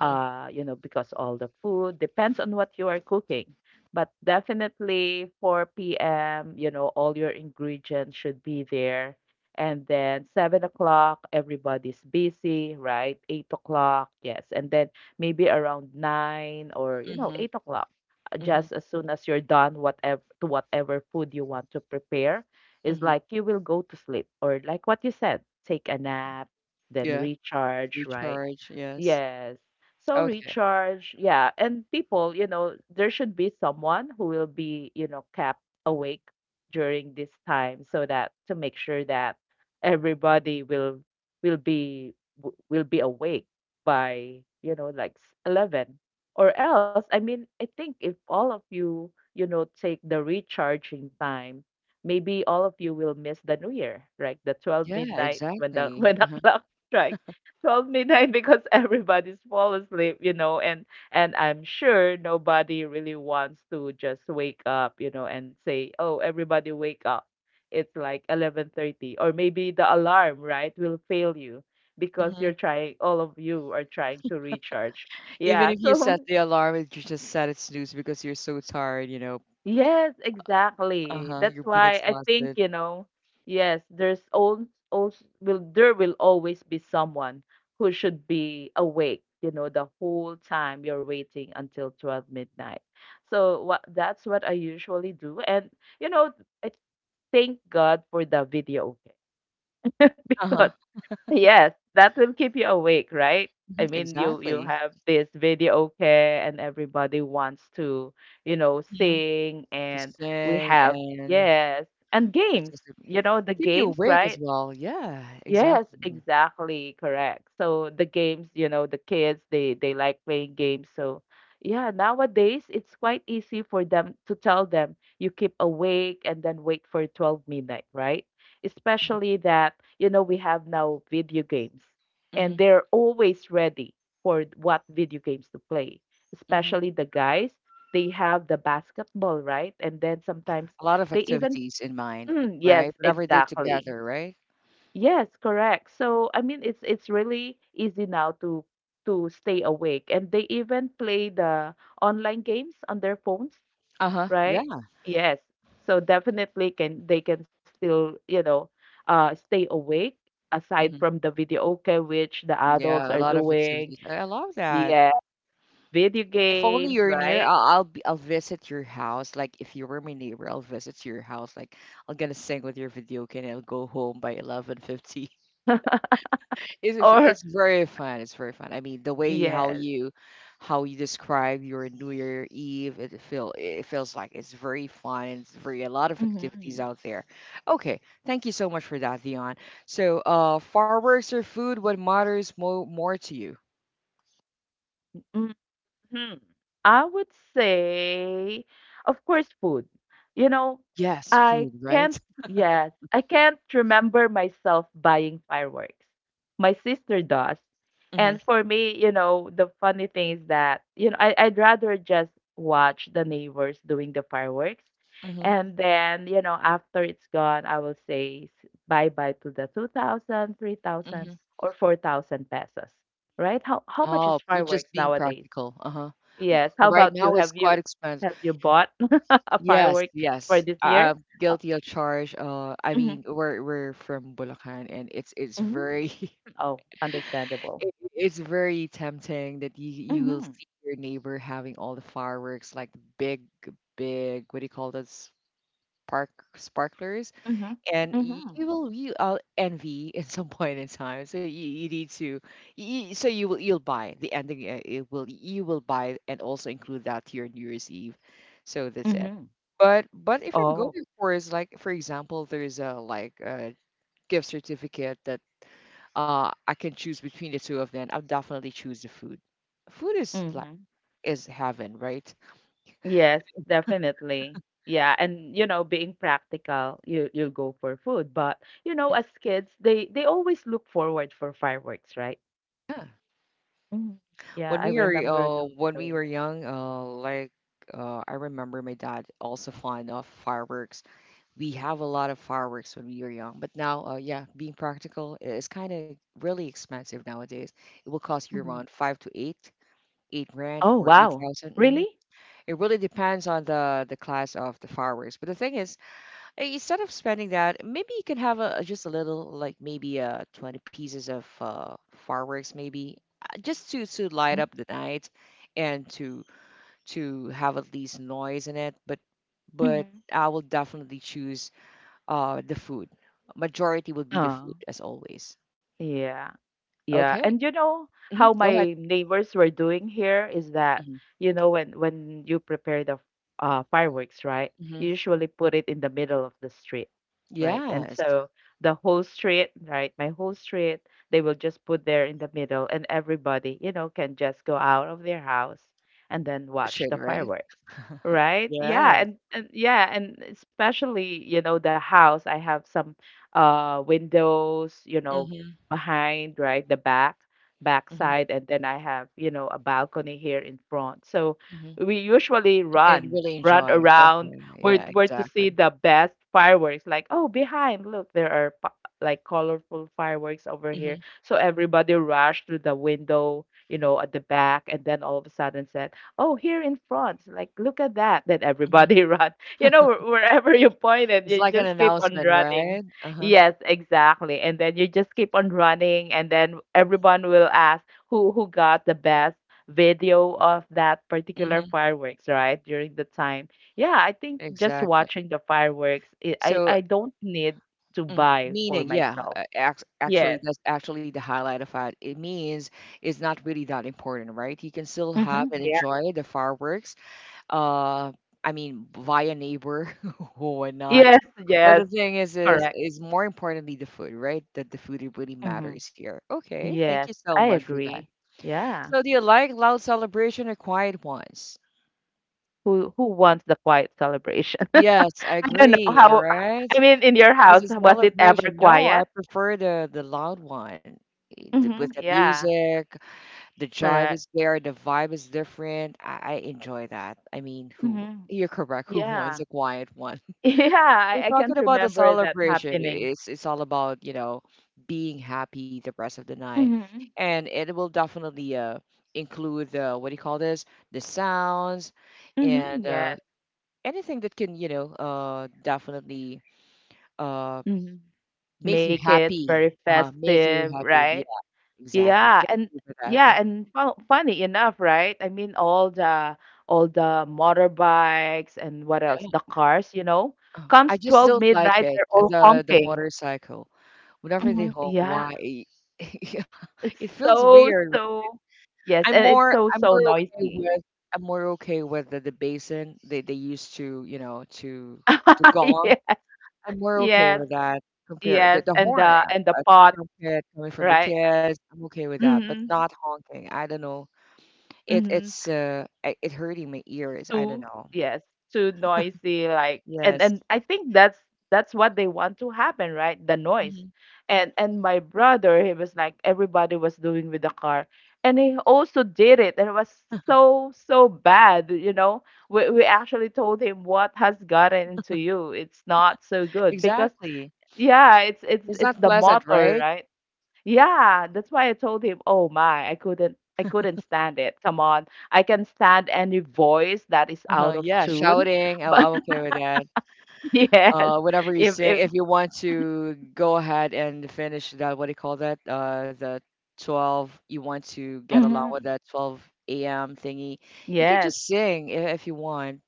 Speaker 1: Mhm.
Speaker 2: You know, because all the food depends on what you are cooking. But definitely 4 p.m., you know, all your ingredients should be there. And then 7 o'clock, everybody's busy, right? 8 o'clock, yes. And then maybe around 9 or, you know,
Speaker 1: Mhm.
Speaker 2: 8 o'clock,
Speaker 1: Mhm.
Speaker 2: just as soon as you're done, whatever, to whatever food you want to prepare, is
Speaker 1: Mhm.
Speaker 2: like you will go to sleep or like what you said, take a nap, then
Speaker 1: Yeah.
Speaker 2: recharge, right?
Speaker 1: Recharge. Yes.
Speaker 2: Yes. So
Speaker 1: Okay.
Speaker 2: recharge, yeah. And people, you know, there should be someone who will be, you know, kept awake during this time so that to make sure that everybody will be will be awake by, you know, like 11 or else. I mean, I think if all of you, you know, take the recharging time, maybe all of you will miss the new year, right? The 12
Speaker 1: Yeah.
Speaker 2: midnight when the
Speaker 1: Exactly.
Speaker 2: when the
Speaker 1: Uh-huh.
Speaker 2: clock strikes 12 midnight. Because everybody's fall asleep, you know, and I'm sure nobody really wants to just wake up, you know, and say oh everybody wake up, it's like 11:30, or maybe the alarm, right, will fail you because
Speaker 1: Mhm.
Speaker 2: you're trying all of you are trying to recharge,
Speaker 1: Even
Speaker 2: yeah.
Speaker 1: if you
Speaker 2: So
Speaker 1: set the alarm, it you just set it snooze because you're so tired, you know.
Speaker 2: yes, exactly.
Speaker 1: Uh-huh.
Speaker 2: That's
Speaker 1: You've been
Speaker 2: why I think,
Speaker 1: exhausted.
Speaker 2: you know, yes, there's all will there will always be someone who should be awake, you know, the whole time you're waiting until 12 midnight. So what that's what I usually do. And you know, I thank God for the video game
Speaker 1: Uh-huh.
Speaker 2: because yes, that will keep you awake, right?
Speaker 1: Hmm.
Speaker 2: I mean, you
Speaker 1: Exactly.
Speaker 2: have this video okay, and everybody wants to, you know,
Speaker 1: hmm
Speaker 2: sing,
Speaker 1: To
Speaker 2: and we
Speaker 1: sing
Speaker 2: have
Speaker 1: and
Speaker 2: yes, and games.
Speaker 1: participate.
Speaker 2: You know, the
Speaker 1: Keep you
Speaker 2: games,
Speaker 1: awake as
Speaker 2: right?
Speaker 1: well. Yeah,
Speaker 2: Yes,
Speaker 1: exactly.
Speaker 2: exactly, correct. So the games, you know, the kids they like playing games. So yeah, nowadays it's quite easy for them to tell them you keep awake and then wait for 12 midnight, right? Especially that, you know, we have now video games
Speaker 1: Mm-hmm.
Speaker 2: and they're always ready for what video games to play.
Speaker 1: Mm-hmm.
Speaker 2: Especially the guys, they have the basketball, right? And then sometimes
Speaker 1: A lot of
Speaker 2: they even
Speaker 1: activities in mind,
Speaker 2: mm, yes,
Speaker 1: right? Whatever they
Speaker 2: exactly.
Speaker 1: together, right?
Speaker 2: Yes, correct. So it's really easy now to stay awake, and they even play the online games on their phones,
Speaker 1: Uh-huh.
Speaker 2: right?
Speaker 1: Yeah.
Speaker 2: Yes. So definitely can they can still, you know, stay awake aside
Speaker 1: Hmm.
Speaker 2: from the video okay which the
Speaker 1: Yeah,
Speaker 2: adults
Speaker 1: a
Speaker 2: are
Speaker 1: lot of
Speaker 2: doing.
Speaker 1: activities. I love that.
Speaker 2: Yeah, video
Speaker 1: If only
Speaker 2: games,
Speaker 1: you're near,
Speaker 2: right?
Speaker 1: I'll visit your house. Like, if you were my neighbor, I'll visit your house. Like I'm gonna sing with your video game and I'll go home by 11:50. It's
Speaker 2: Or
Speaker 1: very fun. It's very fun. I mean, the way how
Speaker 2: yes.
Speaker 1: you describe your New Year Eve, it feels like it's very fun. It's very a lot of activities
Speaker 2: Hmm.
Speaker 1: out there. Okay, thank you so much for that, Dion. So, fireworks or food, what matters mo more to you?
Speaker 2: Hmm. I would say, of course, food. You know,
Speaker 1: Yes,
Speaker 2: I
Speaker 1: food, right?
Speaker 2: can't, yes, I can't remember myself buying fireworks. My sister does.
Speaker 1: Mm-hmm.
Speaker 2: And for me, you know, the funny thing is that, you know, I'd rather just watch the neighbors doing the fireworks.
Speaker 1: Mm-hmm.
Speaker 2: And then, you know, after it's gone, I will say bye bye to the 2,000, 3,000, or 4,000 pesos, right? How much
Speaker 1: Oh,
Speaker 2: is
Speaker 1: you're just
Speaker 2: fireworks
Speaker 1: being
Speaker 2: nowadays?
Speaker 1: practical, uh-huh.
Speaker 2: Yes. How
Speaker 1: Right
Speaker 2: about you?
Speaker 1: now it's quite expensive.
Speaker 2: Have you bought a
Speaker 1: Yes,
Speaker 2: firework for
Speaker 1: yes.
Speaker 2: this
Speaker 1: I
Speaker 2: year?
Speaker 1: I'm
Speaker 2: Oh,
Speaker 1: guilty of charge. Uh, I
Speaker 2: mhm,
Speaker 1: mean, we're we're from Bulacan, and it's
Speaker 2: mhm.
Speaker 1: very
Speaker 2: Oh, understandable.
Speaker 1: it's very tempting that you will
Speaker 2: Mm-hmm.
Speaker 1: see your neighbor having all the fireworks, like the big big what do you call those spark sparklers,
Speaker 2: Mm-hmm.
Speaker 1: and y-
Speaker 2: Mm-hmm.
Speaker 1: you will you will envy at some point in time. So you need to, you, so you will you'll buy the ending. It will You will buy and also include that to your New Year's Eve. So that's it.
Speaker 2: Mm-hmm.
Speaker 1: But if I'm
Speaker 2: Oh.
Speaker 1: going for is like for example, there's a like a gift certificate that I can choose between the two of them. I'll definitely choose the food. Food is like
Speaker 2: Mm-hmm.
Speaker 1: is heaven, right?
Speaker 2: Yes, definitely. Yeah, and you know, being practical, you'll go for food, but you know, as kids, they always look forward for fireworks, right? Mhm. Yeah,
Speaker 1: When
Speaker 2: I
Speaker 1: we were
Speaker 2: remember
Speaker 1: uh,
Speaker 2: doing
Speaker 1: when we
Speaker 2: so.
Speaker 1: were young, I remember my dad also fond of fireworks. We have a lot of fireworks when we were young, but now, yeah, being practical it's kind of really expensive nowadays. It will cost you
Speaker 2: Mhm.
Speaker 1: around five to 8 grand
Speaker 2: Oh,
Speaker 1: or eight
Speaker 2: wow.
Speaker 1: thousand. Mm-hmm.
Speaker 2: Really?
Speaker 1: It really depends on the class of the fireworks. But the thing is, instead of spending that, maybe you can have a just a little, like maybe 20 pieces of fireworks, maybe just to light up the night and to have at least noise in it. But
Speaker 2: Mm-hmm.
Speaker 1: I will definitely choose the food. Majority would be the food
Speaker 2: Oh,
Speaker 1: as always.
Speaker 2: yeah. Yeah,
Speaker 1: Okay.
Speaker 2: and you know
Speaker 1: Hmm.
Speaker 2: how
Speaker 1: Go ahead.
Speaker 2: my neighbors were doing here is that
Speaker 1: Hmm.
Speaker 2: you know when you prepare the fireworks, right?
Speaker 1: Hmm.
Speaker 2: You usually put it in the middle of the street, right? And
Speaker 1: Yes.
Speaker 2: so the whole street, right? My whole street, they will just put there in the middle, and everybody, you know, can just go out of their house and then
Speaker 1: Push
Speaker 2: watch
Speaker 1: it,
Speaker 2: the
Speaker 1: right?
Speaker 2: fireworks, right? Yeah,
Speaker 1: Yes.
Speaker 2: and yeah, and especially you know the house, I have some windows you know
Speaker 1: Mm-hmm.
Speaker 2: behind, right? The back,
Speaker 1: Mm-hmm.
Speaker 2: backside, and then I have, you know, a balcony here in front. So
Speaker 1: Hmm.
Speaker 2: we usually
Speaker 1: You can really
Speaker 2: run
Speaker 1: enjoy.
Speaker 2: around
Speaker 1: Okay. Yeah,
Speaker 2: where to see
Speaker 1: exactly.
Speaker 2: the best fireworks. Like, oh, behind, look, like colorful fireworks over here.
Speaker 1: Mm-hmm.
Speaker 2: So everybody rushed to the window, you know, at the back, and then all of a sudden said, "Oh, here in front! Like, look at that!" Then everybody run. You know, wherever you pointed,
Speaker 1: It's
Speaker 2: you
Speaker 1: like an
Speaker 2: just keep on
Speaker 1: announcement,
Speaker 2: running.
Speaker 1: right? Uh-huh.
Speaker 2: Yes, exactly. And then you just keep on running, and then everyone will ask who got the best video of that particular
Speaker 1: Hmm.
Speaker 2: fireworks, right? During the time. Yeah, I think just
Speaker 1: Exactly.
Speaker 2: watching the fireworks,
Speaker 1: So,
Speaker 2: I don't need to buy for myself.
Speaker 1: actually,
Speaker 2: Yes.
Speaker 1: that's actually the highlight of it. It means it's not really that important, right? You can still have
Speaker 2: Mm-hmm.
Speaker 1: and
Speaker 2: Yeah.
Speaker 1: enjoy the fireworks. Uh, I mean, via neighbor or whatnot.
Speaker 2: Yes,
Speaker 1: But the
Speaker 2: yes,
Speaker 1: thing is, is
Speaker 2: correct.
Speaker 1: is more importantly the food, right? That the food it really
Speaker 2: Mm-hmm.
Speaker 1: matters here. Okay, thank you
Speaker 2: Yes,
Speaker 1: so
Speaker 2: I
Speaker 1: much for that.
Speaker 2: agree. Yeah.
Speaker 1: So, do you like loud celebration or quiet ones?
Speaker 2: Who wants the quiet celebration?
Speaker 1: Yes, I
Speaker 2: I don't know
Speaker 1: agree,
Speaker 2: how
Speaker 1: right?
Speaker 2: I mean, in your
Speaker 1: Is
Speaker 2: house
Speaker 1: a
Speaker 2: was it ever
Speaker 1: celebration, no, I
Speaker 2: quiet?
Speaker 1: prefer the loud one. With
Speaker 2: Mhm.
Speaker 1: the
Speaker 2: Yeah.
Speaker 1: music, the jive
Speaker 2: Correct.
Speaker 1: is there, the vibe is different. I enjoy that. I mean, who
Speaker 2: Mhm.
Speaker 1: you're correct, who wants
Speaker 2: Yeah.
Speaker 1: a quiet one?
Speaker 2: Yeah,
Speaker 1: We're
Speaker 2: I
Speaker 1: talking
Speaker 2: can't
Speaker 1: about the
Speaker 2: remember that
Speaker 1: celebration.
Speaker 2: happening.
Speaker 1: It's all about, you know, being happy the rest of the night.
Speaker 2: Mhm.
Speaker 1: And it will definitely include the what do you call this? The sounds and
Speaker 2: Mhm. Yes.
Speaker 1: anything that can, you know, definitely uh
Speaker 2: Mhm.
Speaker 1: make you
Speaker 2: Make it
Speaker 1: happy,
Speaker 2: very
Speaker 1: uh-huh, make you
Speaker 2: festive,
Speaker 1: happy.
Speaker 2: right?
Speaker 1: Yeah, exactly.
Speaker 2: Yeah,
Speaker 1: Thank
Speaker 2: and
Speaker 1: you for that. Mm.
Speaker 2: fu funny enough, right? I mean, all the motorbikes and what else? The cars, you know?
Speaker 1: I
Speaker 2: Comes
Speaker 1: just
Speaker 2: 12
Speaker 1: don't like
Speaker 2: midnight,
Speaker 1: it,
Speaker 2: they're all
Speaker 1: the
Speaker 2: honking.
Speaker 1: motorcycle. Whenever they
Speaker 2: Mhm.
Speaker 1: honk,
Speaker 2: Yeah.
Speaker 1: why? Yeah,
Speaker 2: It's
Speaker 1: it feels
Speaker 2: so,
Speaker 1: weird.
Speaker 2: so Yes,
Speaker 1: I'm
Speaker 2: and it's
Speaker 1: more
Speaker 2: so,
Speaker 1: I'm
Speaker 2: so
Speaker 1: more okay
Speaker 2: noisy.
Speaker 1: with I'm more okay with the basin they used to, you know, to the gong.
Speaker 2: Yeah.
Speaker 1: I'm more okay
Speaker 2: Yes,
Speaker 1: with that compared
Speaker 2: yes,
Speaker 1: the
Speaker 2: and
Speaker 1: horn,
Speaker 2: the
Speaker 1: uh,
Speaker 2: pot,
Speaker 1: the trumpet coming from the
Speaker 2: right?
Speaker 1: kids. I'm okay with that, but
Speaker 2: Mhm.
Speaker 1: not honking. I don't know
Speaker 2: Mhm.
Speaker 1: it hurting my ears, I don't
Speaker 2: Too,
Speaker 1: know.
Speaker 2: yes, too noisy like and
Speaker 1: Yes.
Speaker 2: and I think that's what they want to happen, right? The noise.
Speaker 1: Mhm.
Speaker 2: And my brother, he was like everybody was doing with the car and he also did it and it was so so bad, you know. We actually told him what has gotten into you. It's not so good because
Speaker 1: Exactly.
Speaker 2: yeah, it's
Speaker 1: It's
Speaker 2: it's
Speaker 1: not
Speaker 2: the
Speaker 1: pleasant,
Speaker 2: motor,
Speaker 1: right?
Speaker 2: right? Yeah, that's why I told him, "Oh my, I couldn't stand it. Come on. I can stand any voice that is
Speaker 1: Uh-huh,
Speaker 2: out of
Speaker 1: yeah,
Speaker 2: tune."
Speaker 1: shouting, I'm
Speaker 2: But
Speaker 1: I'm okay with that.
Speaker 2: yes,
Speaker 1: Whatever you sing,
Speaker 2: if
Speaker 1: if you want to go ahead and finish that, what do you call that? You want to get along with
Speaker 2: mhm.
Speaker 1: that 12 a.m. thingy. You can
Speaker 2: Yes.
Speaker 1: just sing I if you want,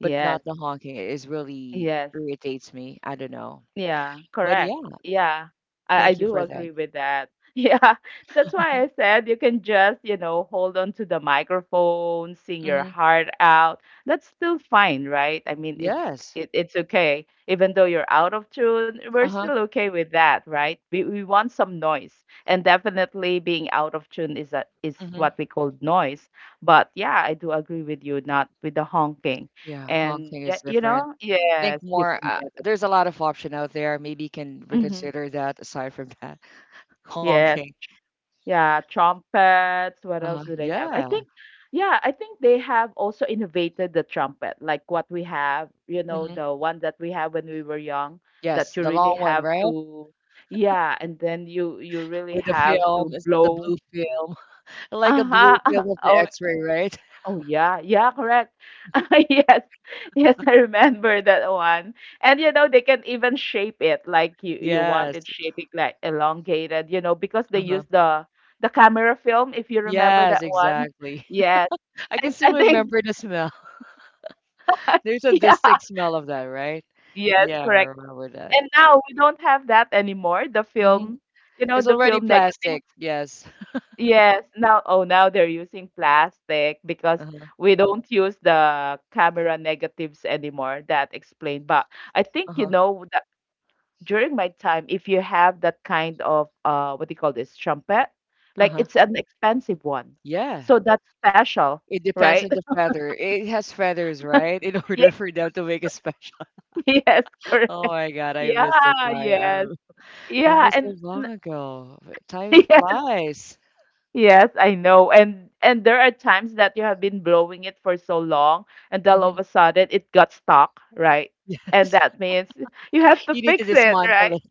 Speaker 1: but not the honking. It is really
Speaker 2: Yes.
Speaker 1: irritates me. I don't know.
Speaker 2: Yeah,
Speaker 1: But
Speaker 2: correct.
Speaker 1: yeah,
Speaker 2: Yeah, I
Speaker 1: thank you
Speaker 2: do
Speaker 1: for that.
Speaker 2: agree with that. Yeah, that's why I said you can just, you know, hold on to the microphone, sing your
Speaker 1: Mhm.
Speaker 2: heart out. That's still fine, right? I mean,
Speaker 1: Yes.
Speaker 2: it it's okay. Even though you're out of tune, we're
Speaker 1: Uh-huh.
Speaker 2: still okay with that, right? We want some noise. And definitely being out of tune is is what
Speaker 1: Mhm.
Speaker 2: we call noise. But yeah, I do agree with you, not with the honking.
Speaker 1: Yeah,
Speaker 2: And
Speaker 1: honking
Speaker 2: yeah,
Speaker 1: is
Speaker 2: you
Speaker 1: different.
Speaker 2: know,
Speaker 1: Think
Speaker 2: yes, you
Speaker 1: more.
Speaker 2: can get it.
Speaker 1: There's a lot of option out there. Maybe you can
Speaker 2: Mm-hmm.
Speaker 1: reconsider that aside from that
Speaker 2: Yes.
Speaker 1: honking.
Speaker 2: Yeah, trumpets. What else
Speaker 1: Uh-huh.
Speaker 2: do they have? I
Speaker 1: Yeah.
Speaker 2: think, yeah, I think they have also innovated the trumpet, like what we have, you know,
Speaker 1: Hmm.
Speaker 2: the one that we have when we were young, that
Speaker 1: Yes,
Speaker 2: you
Speaker 1: the
Speaker 2: really
Speaker 1: long one,
Speaker 2: have
Speaker 1: right?
Speaker 2: to, yeah, and then you
Speaker 1: With
Speaker 2: really
Speaker 1: the
Speaker 2: have
Speaker 1: film,
Speaker 2: to
Speaker 1: it's the blue
Speaker 2: blow.
Speaker 1: film, like a blue
Speaker 2: Uh-huh.
Speaker 1: film of the
Speaker 2: Oh
Speaker 1: X-ray, right?
Speaker 2: Oh yeah, yeah, correct. yes, yes, I remember that one. And you know they can even shape it like you want
Speaker 1: Yes.
Speaker 2: it shaping like elongated, you know, because they
Speaker 1: Uh-huh.
Speaker 2: use the camera film. If you remember
Speaker 1: Yes,
Speaker 2: that one,
Speaker 1: exactly.
Speaker 2: yes,
Speaker 1: I can
Speaker 2: I
Speaker 1: still
Speaker 2: think
Speaker 1: remember the smell. There's a
Speaker 2: yeah,
Speaker 1: distinct smell of that, right?
Speaker 2: yes,
Speaker 1: Yeah, I
Speaker 2: correct.
Speaker 1: remember that.
Speaker 2: And now we don't have that anymore. The
Speaker 1: Hmm.
Speaker 2: film, you know,
Speaker 1: It's
Speaker 2: the
Speaker 1: already
Speaker 2: film negative.
Speaker 1: plastic. Yes.
Speaker 2: Yes, now now they're using plastic because
Speaker 1: Uh-huh.
Speaker 2: we don't use the camera negatives anymore. That explained. But I think you
Speaker 1: Uh-huh.
Speaker 2: know that during my time, if you have that kind of what do you call this trumpet, like
Speaker 1: Uh-huh.
Speaker 2: it's an expensive one.
Speaker 1: Yeah.
Speaker 2: So that's special,
Speaker 1: It depends
Speaker 2: right?
Speaker 1: on the feather. It has feathers, right? In order
Speaker 2: Yes,
Speaker 1: for them to make it special.
Speaker 2: yes, correct.
Speaker 1: Oh my God, I missed the
Speaker 2: Yeah,
Speaker 1: time.
Speaker 2: yes.
Speaker 1: I'm, that
Speaker 2: Yeah,
Speaker 1: was so
Speaker 2: and
Speaker 1: long ago. Time
Speaker 2: yes.
Speaker 1: flies.
Speaker 2: Yes, I know. And there are times that you have been blowing it for so long and then all of
Speaker 1: Hmm.
Speaker 2: a sudden it got stuck, right? And
Speaker 1: Yes,
Speaker 2: that means you have to
Speaker 1: you need to
Speaker 2: fix it,
Speaker 1: dismantle
Speaker 2: right?
Speaker 1: it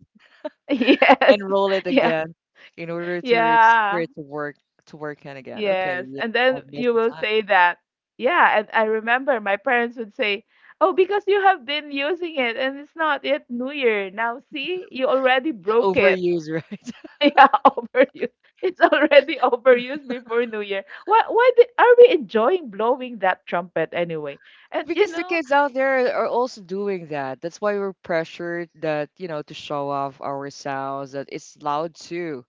Speaker 2: Yes.
Speaker 1: and roll it
Speaker 2: Yeah.
Speaker 1: again in order to for
Speaker 2: Yeah.
Speaker 1: it to work and again. Okay,
Speaker 2: Yes.
Speaker 1: yeah,
Speaker 2: And then
Speaker 1: I missed
Speaker 2: you
Speaker 1: the
Speaker 2: will
Speaker 1: time.
Speaker 2: say that. Yeah, and I remember my parents would say, "Oh, because you have been using it and it's not yet New Year. Now see, you already broke it."
Speaker 1: Overuse, right?
Speaker 2: Yeah, overused. It's already overused before New Year. Are we enjoying blowing that trumpet anyway? And you
Speaker 1: Because the
Speaker 2: know,
Speaker 1: kids out there are also doing that. That's why we're pressured that, you know, to show off our sounds, that it's loud too.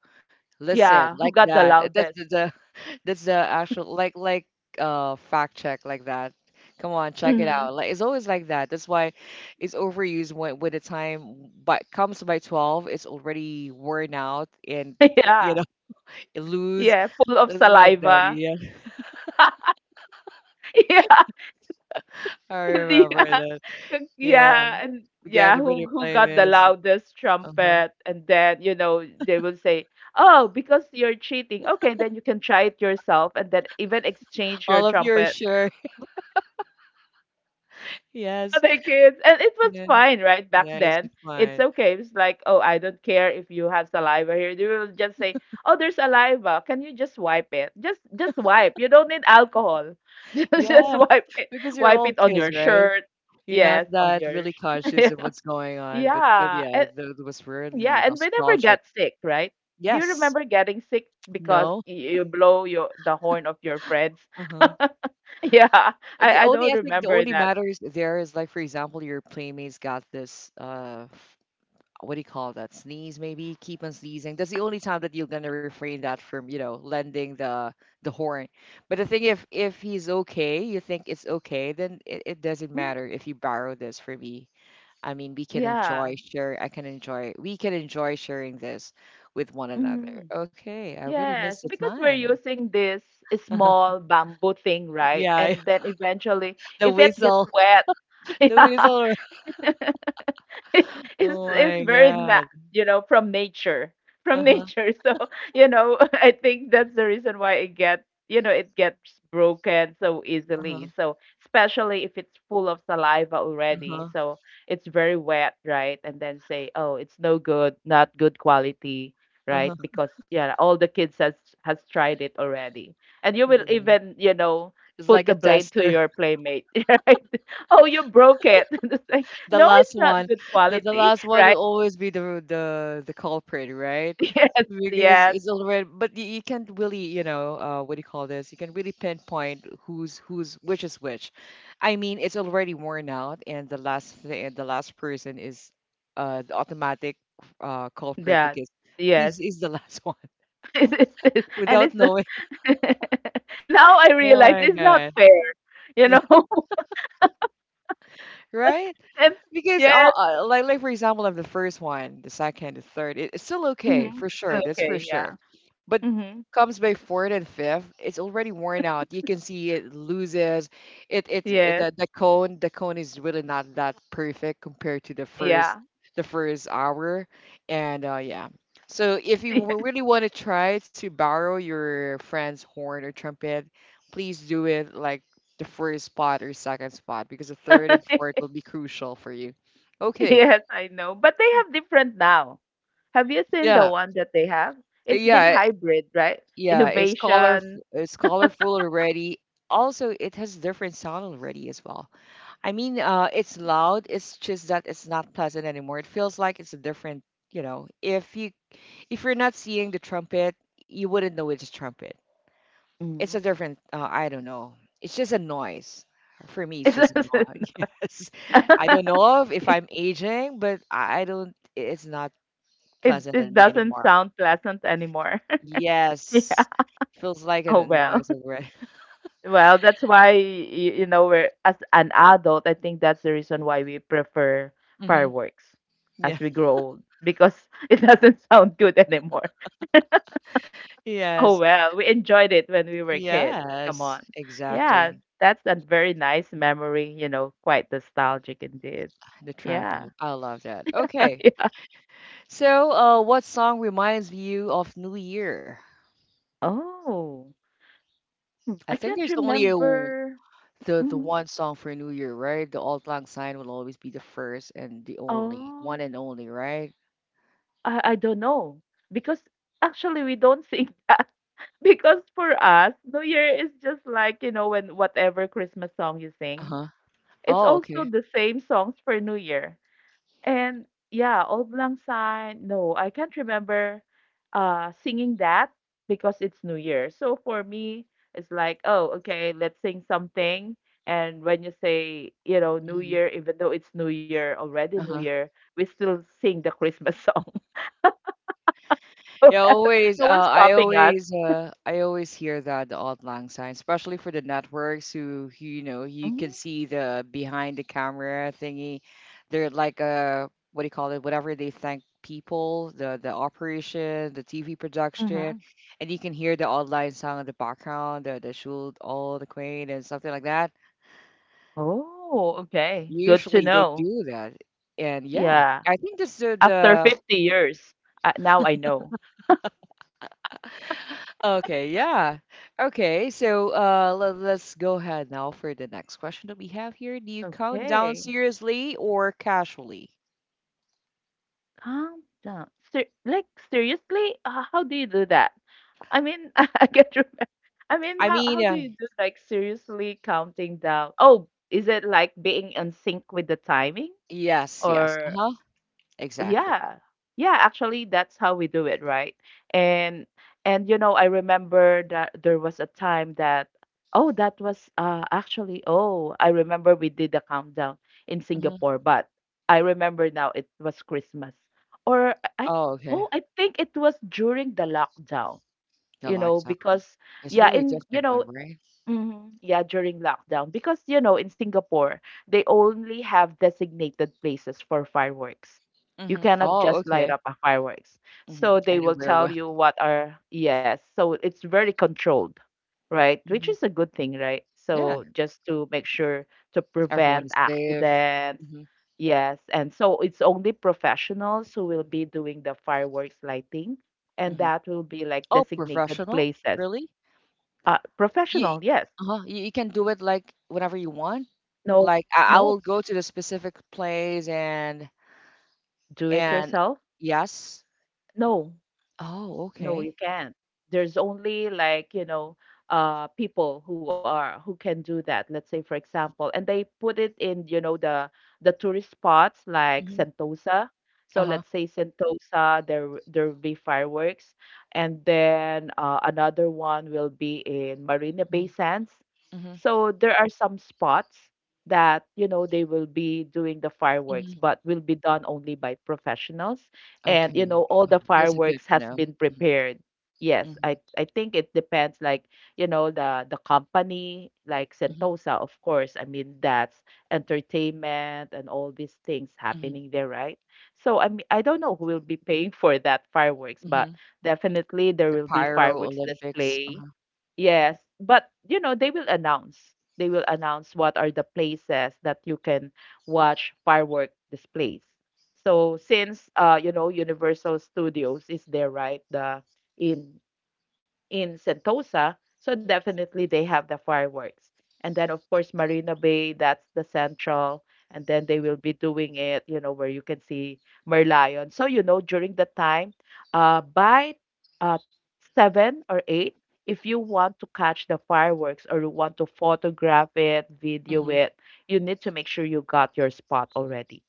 Speaker 1: Listen,
Speaker 2: yeah,
Speaker 1: like
Speaker 2: who got the
Speaker 1: that. That's
Speaker 2: loudest?
Speaker 1: the that's the actual fact check like that. Come on, check it
Speaker 2: Hmm.
Speaker 1: out. Like it's always like that. That's why it's overused when the time but comes by 12, it's already worn out and you know
Speaker 2: Yeah.
Speaker 1: it lose
Speaker 2: Yeah, full of
Speaker 1: it's like that.
Speaker 2: saliva.
Speaker 1: Yeah,
Speaker 2: yeah.
Speaker 1: I
Speaker 2: And
Speaker 1: remember
Speaker 2: yeah.
Speaker 1: that. Yeah,
Speaker 2: Yeah, and yeah,
Speaker 1: together with your
Speaker 2: who got the
Speaker 1: playmates.
Speaker 2: loudest
Speaker 1: Uh-huh.
Speaker 2: trumpet? And then, you know, they will say, "Oh, because you're cheating." Okay, then you can try it yourself and then even exchange your
Speaker 1: All of you are
Speaker 2: trumpet
Speaker 1: sure. Yes.
Speaker 2: other kids. And it was
Speaker 1: Yeah.
Speaker 2: fine, right? Back
Speaker 1: Yeah, it's
Speaker 2: then, it's
Speaker 1: fun.
Speaker 2: okay. It's like, oh, I don't care if you have saliva here. They will just say, oh, there's saliva. Can you just wipe it? Just wipe. You don't need alcohol. Just
Speaker 1: Yeah,
Speaker 2: wipe it.
Speaker 1: because you're
Speaker 2: Wipe
Speaker 1: all
Speaker 2: it on
Speaker 1: kids,
Speaker 2: your
Speaker 1: right?
Speaker 2: shirt.
Speaker 1: You're not
Speaker 2: Yes, on
Speaker 1: that
Speaker 2: your
Speaker 1: really
Speaker 2: sh-.
Speaker 1: conscious of what's going on, but
Speaker 2: yeah,
Speaker 1: yeah,
Speaker 2: and
Speaker 1: that was
Speaker 2: yeah,
Speaker 1: really
Speaker 2: and we never got
Speaker 1: nostalgic.
Speaker 2: sick, right? Do you
Speaker 1: Yes.
Speaker 2: remember getting sick because
Speaker 1: No.
Speaker 2: you blow your the horn of your friends?
Speaker 1: Uh-huh.
Speaker 2: yeah,
Speaker 1: The
Speaker 2: I
Speaker 1: only
Speaker 2: don't
Speaker 1: I think the
Speaker 2: remember
Speaker 1: only
Speaker 2: that.
Speaker 1: matters there is like for example, your playmates got this what do you call that? Sneeze maybe, keep on sneezing. That's the only time that you're gonna refrain that from, you know, lending the horn. But I think if he's okay, you think it's okay, then it doesn't
Speaker 2: Mm,
Speaker 1: matter if you borrow this for me. I mean, we can
Speaker 2: yeah.
Speaker 1: enjoy share. I can enjoy. We can enjoy sharing this with one another.
Speaker 2: Mm-hmm.
Speaker 1: Okay, I really miss
Speaker 2: Yes,
Speaker 1: the
Speaker 2: because we're
Speaker 1: time.
Speaker 2: using this small bamboo thing, right?
Speaker 1: Yeah,
Speaker 2: And then eventually,
Speaker 1: the
Speaker 2: if it gets
Speaker 1: whistle,
Speaker 2: wet,
Speaker 1: the
Speaker 2: yeah.
Speaker 1: whistle. Oh
Speaker 2: It's
Speaker 1: my
Speaker 2: very na-,
Speaker 1: God.
Speaker 2: you know, from nature
Speaker 1: Uh
Speaker 2: from
Speaker 1: huh.
Speaker 2: nature So you know, I think that's the reason why it get, you know, it gets broken so
Speaker 1: Uh huh.
Speaker 2: easily, so especially if it's full of saliva
Speaker 1: Uh
Speaker 2: already,
Speaker 1: huh.
Speaker 2: so it's very wet, right? And then say, oh, it's no good, not good quality,
Speaker 1: Uh
Speaker 2: right?
Speaker 1: huh.
Speaker 2: Because yeah, all the kids has tried it already, and you will
Speaker 1: Yeah.
Speaker 2: even, you know,
Speaker 1: It's
Speaker 2: put
Speaker 1: like a
Speaker 2: the blame to
Speaker 1: tester.
Speaker 2: your playmate. Right? Oh, you broke it. It's like,
Speaker 1: The
Speaker 2: no,
Speaker 1: last
Speaker 2: it's not
Speaker 1: one,
Speaker 2: good
Speaker 1: the
Speaker 2: quality,
Speaker 1: last one
Speaker 2: right?
Speaker 1: will always be the culprit, right?
Speaker 2: Yes,
Speaker 1: Because
Speaker 2: yes,
Speaker 1: it's already, but you can't really, you know, what do you call this? You can really pinpoint who's which is which. I mean, it's already worn out, and the last person is the automatic culprit
Speaker 2: that,
Speaker 1: because
Speaker 2: yes.
Speaker 1: he's is the last one
Speaker 2: It's, it's, it's, and
Speaker 1: without
Speaker 2: it's
Speaker 1: knowing.
Speaker 2: Now I
Speaker 1: Oh
Speaker 2: realize
Speaker 1: my
Speaker 2: it's not
Speaker 1: God.
Speaker 2: fair, you
Speaker 1: Yeah.
Speaker 2: know.
Speaker 1: Right?
Speaker 2: and
Speaker 1: Because all
Speaker 2: yes,
Speaker 1: like for example of the first one, the second, the third, it's still okay
Speaker 2: mhm,
Speaker 1: for
Speaker 2: it's
Speaker 1: sure. That's for
Speaker 2: okay, yeah,
Speaker 1: sure. But
Speaker 2: hmm
Speaker 1: comes by fourth and fifth, it's already worn out. You can see it loses.
Speaker 2: yes,
Speaker 1: The cone is really not that perfect compared to
Speaker 2: yeah,
Speaker 1: the first hour, and yeah. So if you really want to try to borrow your friend's horn or trumpet, please do it like the first spot or second spot because the third and fourth will be crucial for you. Okay.
Speaker 2: yes, I know. But they have different now. Have you seen the
Speaker 1: Yeah.
Speaker 2: one that they have? It's been
Speaker 1: Yeah.
Speaker 2: hybrid, right?
Speaker 1: Yeah. It's color.
Speaker 2: Innovation.
Speaker 1: It's colorful already. Also, it has different sound already as well. I mean, it's loud. It's just that it's not pleasant anymore. It feels like it's a different. You know, if you're not seeing the trumpet, you wouldn't know it's a trumpet. It's a
Speaker 2: Mm.
Speaker 1: different I don't know. It's just a noise. For me, it's just a
Speaker 2: It's,
Speaker 1: noise.
Speaker 2: it's,
Speaker 1: Yes. I don't know if I'm aging, but I don't it's not
Speaker 2: it
Speaker 1: pleasant
Speaker 2: it
Speaker 1: in me
Speaker 2: doesn't
Speaker 1: anymore.
Speaker 2: sound pleasant anymore.
Speaker 1: Yes.
Speaker 2: yeah.
Speaker 1: Feels like a
Speaker 2: Oh well.
Speaker 1: noise already.
Speaker 2: Well, that's why you, you know, we're as an adult. I think that's the reason why we prefer
Speaker 1: Hmm.
Speaker 2: fireworks as
Speaker 1: Yeah.
Speaker 2: we grow old because it doesn't sound good anymore.
Speaker 1: Yes.
Speaker 2: Oh well, we enjoyed it when we were kids. Come
Speaker 1: Yes.
Speaker 2: on. Yeah,
Speaker 1: Exactly.
Speaker 2: that's a very nice memory. You know, quite nostalgic indeed.
Speaker 1: The
Speaker 2: Yeah.
Speaker 1: trumpet. I love that. Okay.
Speaker 2: yeah.
Speaker 1: So, what song reminds you of New Year?
Speaker 2: Oh, hmm,
Speaker 1: I
Speaker 2: I
Speaker 1: think
Speaker 2: can't
Speaker 1: there's only a
Speaker 2: remember.
Speaker 1: the
Speaker 2: Mhm.
Speaker 1: one song for New Year, right? The Auld Lang Syne will always be the first and the only,
Speaker 2: Oh.
Speaker 1: one and only, right?
Speaker 2: I don't know, because actually we don't sing that because for us, New Year is just like, you know, when whatever Christmas song you
Speaker 1: Uh
Speaker 2: sing,
Speaker 1: huh.
Speaker 2: it's
Speaker 1: Oh, okay.
Speaker 2: also the same songs for New Year. And yeah, Old Lang Syne, no, I can't remember singing that because it's New Year. So for me, it's like, oh, okay, let's sing something. And when you say, you know, New
Speaker 1: Mm-hmm.
Speaker 2: Year, even though it's New Year, already New
Speaker 1: Uh-huh.
Speaker 2: Year, we still sing the Christmas song.
Speaker 1: Yeah, always.
Speaker 2: No one's stopping us.
Speaker 1: I always hear that the odd lang sign, especially for the networks who, you know, you can
Speaker 2: Mm,
Speaker 1: see the behind the camera thingy. They're like what do you call it? Whatever they thank people, the operation, the TV production,
Speaker 2: mhm.
Speaker 1: and you can hear the odd lang song in the background, the shul, all the queen, and something like that.
Speaker 2: Oh, okay. Good to
Speaker 1: Usually they
Speaker 2: know.
Speaker 1: do that, and yeah,
Speaker 2: Yeah.
Speaker 1: I think this is
Speaker 2: After
Speaker 1: the
Speaker 2: 50 years, now I know.
Speaker 1: Okay, yeah. Okay, so let's go ahead now for the next question that we have here. Do you count down
Speaker 2: Okay.
Speaker 1: seriously or casually?
Speaker 2: Calm down. Ser- like, seriously? How do you do that? I mean, I can't remember. I mean,
Speaker 1: I mean,
Speaker 2: how do you do, like, seriously counting down? Oh, is it like being in sync with the timing?
Speaker 1: yes.
Speaker 2: Or
Speaker 1: Uh-huh. Exactly.
Speaker 2: yeah. Yeah, actually that's how we do it, right? And and you know, I remember that there was a time that I remember we did the countdown in
Speaker 1: Mm-hmm.
Speaker 2: Singapore, but I remember now it was Christmas. Or I
Speaker 1: Oh, okay.
Speaker 2: Oh, I think it was during the lockdown,
Speaker 1: The
Speaker 2: you know,
Speaker 1: lockdown.
Speaker 2: because
Speaker 1: It's
Speaker 2: yeah,
Speaker 1: really a different one, right?
Speaker 2: Mhm. Yeah, during lockdown. Because, you know, in Singapore, they only have designated places for fireworks. You
Speaker 1: Mm-hmm.
Speaker 2: cannot
Speaker 1: Oh,
Speaker 2: just light
Speaker 1: okay.
Speaker 2: up a fireworks.
Speaker 1: Mm-hmm.
Speaker 2: So they will
Speaker 1: Anywhere
Speaker 2: tell
Speaker 1: where
Speaker 2: you what are, yes. So it's very controlled, right? Which is a
Speaker 1: hmm
Speaker 2: good thing, right? So
Speaker 1: Yeah,
Speaker 2: just to make sure to prevent
Speaker 1: everyone is safe.
Speaker 2: accidents.
Speaker 1: Mm-hmm.
Speaker 2: Yes. And so it's only professionals who will be doing the fireworks lighting, and
Speaker 1: Mm-hmm.
Speaker 2: that will be like
Speaker 1: Oh,
Speaker 2: designated
Speaker 1: professional?
Speaker 2: places.
Speaker 1: Really? You
Speaker 2: Professional, yes.
Speaker 1: Uh-huh, you can do it like whenever you want.
Speaker 2: No,
Speaker 1: Like I will
Speaker 2: no.
Speaker 1: go to the specific place and
Speaker 2: Do it
Speaker 1: and
Speaker 2: yourself?
Speaker 1: yes.
Speaker 2: No,
Speaker 1: Oh,
Speaker 2: no,
Speaker 1: okay.
Speaker 2: you can't. There's only like, you know, people who are who can do that. Let's say for example, and they put it in, you know, the tourist spots like
Speaker 1: Hmm.
Speaker 2: Sentosa. So
Speaker 1: Uh-huh.
Speaker 2: let's say Sentosa, there will be fireworks, and then another one will be in Marina Bay
Speaker 1: Mm-hmm.
Speaker 2: Sands.
Speaker 1: Mm-hmm.
Speaker 2: So there are some spots that, you know, they will be doing the fireworks,
Speaker 1: Hmm.
Speaker 2: but will be done only by professionals. And
Speaker 1: Okay.
Speaker 2: you know all the
Speaker 1: Got it. That's a good
Speaker 2: fireworks
Speaker 1: to
Speaker 2: has
Speaker 1: know.
Speaker 2: been
Speaker 1: Mm-hmm.
Speaker 2: prepared. Yes,
Speaker 1: Mm-hmm.
Speaker 2: I think it depends, like, you know, the company, like Sentosa, of course. I mean, that's entertainment and all these things
Speaker 1: Mm-hmm.
Speaker 2: happening there, right? So I mean, I don't know who will be paying for that fireworks, but
Speaker 1: hmm
Speaker 2: definitely there
Speaker 1: The
Speaker 2: will be
Speaker 1: Pyro
Speaker 2: fireworks
Speaker 1: Olympics. Uh-huh.
Speaker 2: display. Yes, but you know, they will announce. They will announce what are the places that you can watch firework displays. So since you know Universal Studios is there, right? The in in Sentosa. So definitely they have the fireworks. And then of course Marina Bay, that's the central. And then they will be doing it, you know, where you can see Merlion. So you know during the time, by uh seven or eight, if you want to catch the fireworks or you want to photograph it, video
Speaker 1: Mm-hmm.
Speaker 2: it, you need to make sure you got your spot already,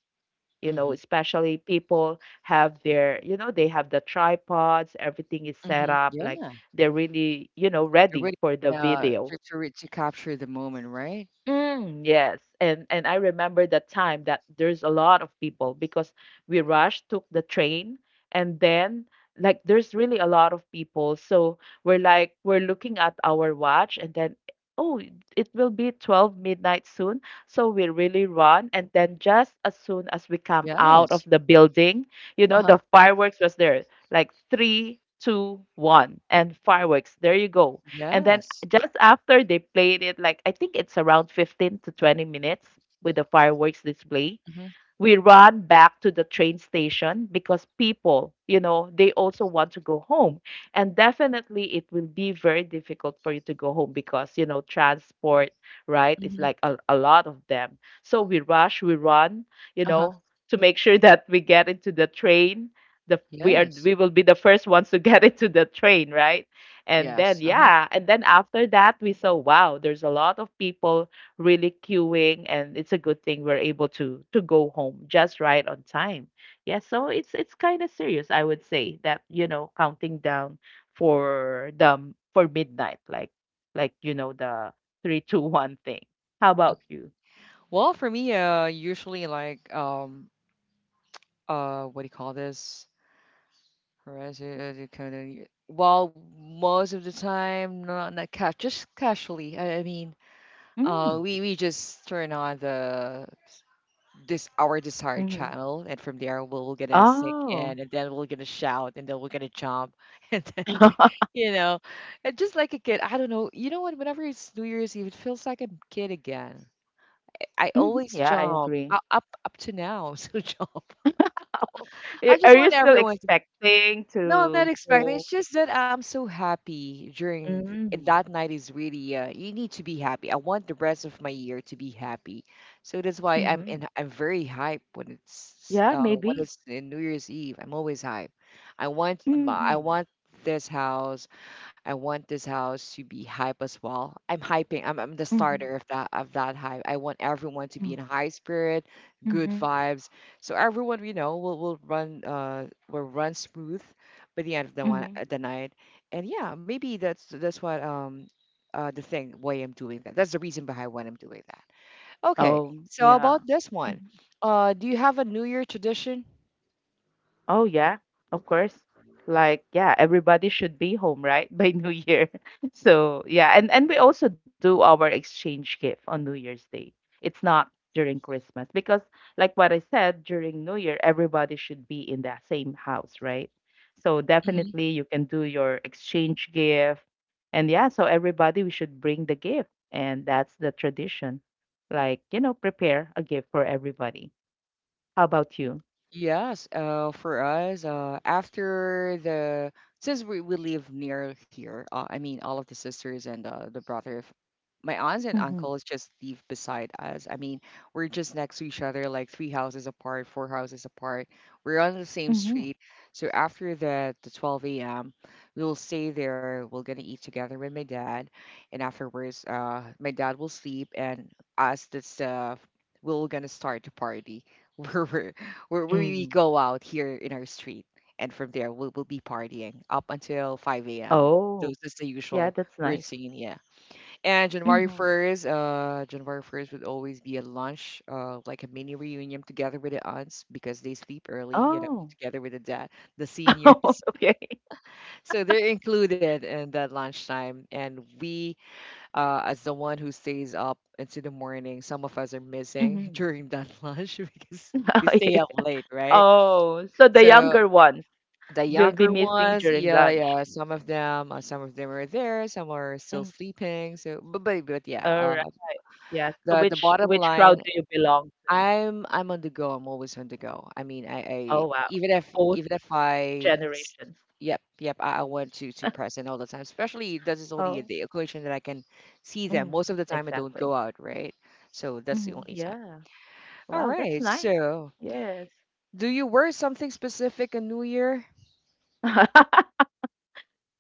Speaker 2: you know,
Speaker 1: Mm-hmm.
Speaker 2: especially people have their, you know, they have the tripods, everything is set
Speaker 1: Mm-hmm.
Speaker 2: up, like
Speaker 1: Yeah.
Speaker 2: they're really, you know,
Speaker 1: You're
Speaker 2: ready
Speaker 1: really
Speaker 2: for the video.
Speaker 1: To capture the moment, right?
Speaker 2: Mm, yes. And I remember the time that there's a lot of people because we rushed, took the train, and then like there's really a lot of people. So we're looking at our watch and then oh, it will be 12 midnight soon. So we really run and then just as soon as we come out of
Speaker 1: Yes.
Speaker 2: the building, you know,
Speaker 1: Uh-huh.
Speaker 2: the fireworks was there. Like 3, 2, 1, and fireworks. There you go. And then
Speaker 1: Yes.
Speaker 2: just after they played it, like I think it's around 15 to 20 minutes with the fireworks display,
Speaker 1: Mm-hmm.
Speaker 2: we run back to the train station because people, you know, they also want to go home. And definitely it will be very difficult for you to go home because, you know, transport, right? It's
Speaker 1: Mm-hmm.
Speaker 2: like a lot of them. So we rush, we run, you
Speaker 1: Uh-huh.
Speaker 2: know, to make sure that we get into the train. The, we are
Speaker 1: Yes.
Speaker 2: we will be the first ones to get into the train, right? And
Speaker 1: Yes.
Speaker 2: then
Speaker 1: Uh-huh.
Speaker 2: yeah, and then after that we saw, wow, there's a lot of people really queuing, and it's a good thing we're able to go home just right on time. Yeah, so it's kind of serious, I would say, that you know, counting down for the for midnight like you know, the 3, 2, 1 thing. How about you?
Speaker 1: Well, for me, usually like what do you call this? Well, most of the time, not just casually. I mean,
Speaker 2: Mm.
Speaker 1: we just turn on the this our desired
Speaker 2: Mm-hmm.
Speaker 1: channel, and from there we'll gonna sing
Speaker 2: Oh.
Speaker 1: in, and then we're gonna shout, and then we're gonna jump, and then you know, and just like a kid, I don't know. You know what? Whenever it's New Year's Eve, it feels like a kid again. I
Speaker 2: Hmm.
Speaker 1: always
Speaker 2: Yeah, I
Speaker 1: jump,
Speaker 2: agree.
Speaker 1: u up up to now, still jump. I
Speaker 2: Are
Speaker 1: just
Speaker 2: are you
Speaker 1: want
Speaker 2: still
Speaker 1: everyone.
Speaker 2: expecting
Speaker 1: No, I'm not
Speaker 2: to
Speaker 1: expecting.
Speaker 2: go?
Speaker 1: It's just that I'm so happy during th- and
Speaker 2: Mm-hmm.
Speaker 1: that night is really you need to be happy. I want the rest of my year to be happy. So that's why
Speaker 2: Mm-hmm.
Speaker 1: I'm very hype
Speaker 2: Yeah,
Speaker 1: when
Speaker 2: maybe.
Speaker 1: it's in New Year's Eve. I'm always hype. I
Speaker 2: Mm-hmm.
Speaker 1: want this house. I want this house to be hype as well. I'm hyping. I'm the starter of that hype. I want everyone to be in high spirit, good
Speaker 2: Mm-hmm.
Speaker 1: vibes. So everyone, will run smooth by the end of
Speaker 2: Mhm.
Speaker 1: the night. And yeah, maybe that's what the thing why I'm doing that. That's the reason behind why I'm doing that. Okay,
Speaker 2: Oh,
Speaker 1: so how
Speaker 2: yeah.
Speaker 1: about this
Speaker 2: Mhm.
Speaker 1: one? Do you have a new year tradition?
Speaker 2: Oh, yeah, of course. Like, yeah, everybody should be home, right? By New Year. So, yeah, and we also do our exchange gift on New Year's Day. It's not during Christmas because, like what I said, during New Year, everybody should be in the same house, right? So
Speaker 1: Hmm.
Speaker 2: definitely you can do your exchange gift. And yeah, so everybody, we should bring the gift, and that's the tradition. Like, you know, prepare a gift for everybody. How about you?
Speaker 1: Yes, for us, after the since we live near here, I mean all of the sisters and the brother, my aunts and
Speaker 2: Mhm.
Speaker 1: uncles just live beside us. I mean, we're just next to each other, like three houses apart, four houses apart. We're on the same
Speaker 2: Mhm.
Speaker 1: street. So after the 12 a.m., we'll stay there. We're going to eat together with my dad. And afterwards, my dad will sleep, and us, that's we're going to start the party where where
Speaker 2: Mm.
Speaker 1: we go out here in our street. And from there, we'll be partying up until 5 a.m.
Speaker 2: Oh,
Speaker 1: Those is the
Speaker 2: yeah,
Speaker 1: usual
Speaker 2: that's nice.
Speaker 1: routine, yeah. And January
Speaker 2: Mhm.
Speaker 1: 1st, January 1st would always be a lunch, like a mini reunion together with the aunts because they sleep early,
Speaker 2: Oh.
Speaker 1: together with the dad, the seniors.
Speaker 2: Oh, okay.
Speaker 1: So they're included in that lunchtime. And we, as the one who stays up into the morning, some of us are missing
Speaker 2: Mhm.
Speaker 1: during that lunch because we stay up late, right?
Speaker 2: Oh, so the
Speaker 1: So
Speaker 2: younger ones
Speaker 1: the
Speaker 2: will be
Speaker 1: younger
Speaker 2: missing
Speaker 1: ones,
Speaker 2: during
Speaker 1: yeah,
Speaker 2: lunch.
Speaker 1: yeah, some of them are there, some are still
Speaker 2: Mm.
Speaker 1: sleeping. So, but yeah,
Speaker 2: Alright, yeah. So
Speaker 1: the
Speaker 2: which
Speaker 1: bottom
Speaker 2: which crowd
Speaker 1: line,
Speaker 2: do you belong to?
Speaker 1: I'm on the go. I'm always on the go. I mean, I
Speaker 2: Oh, wow. Both
Speaker 1: even if I s-
Speaker 2: generations.
Speaker 1: yep, yep, I want to present all the time. Especially this is only
Speaker 2: Oh.
Speaker 1: the occasion that I can see them.
Speaker 2: Mm,
Speaker 1: Most of the time I don't
Speaker 2: exactly.
Speaker 1: go out, right? So that's the
Speaker 2: Mhm.
Speaker 1: only time.
Speaker 2: Yeah.
Speaker 1: All
Speaker 2: Wow, that's
Speaker 1: right.
Speaker 2: nice.
Speaker 1: So
Speaker 2: Yes.
Speaker 1: do you wear something specific on New Year?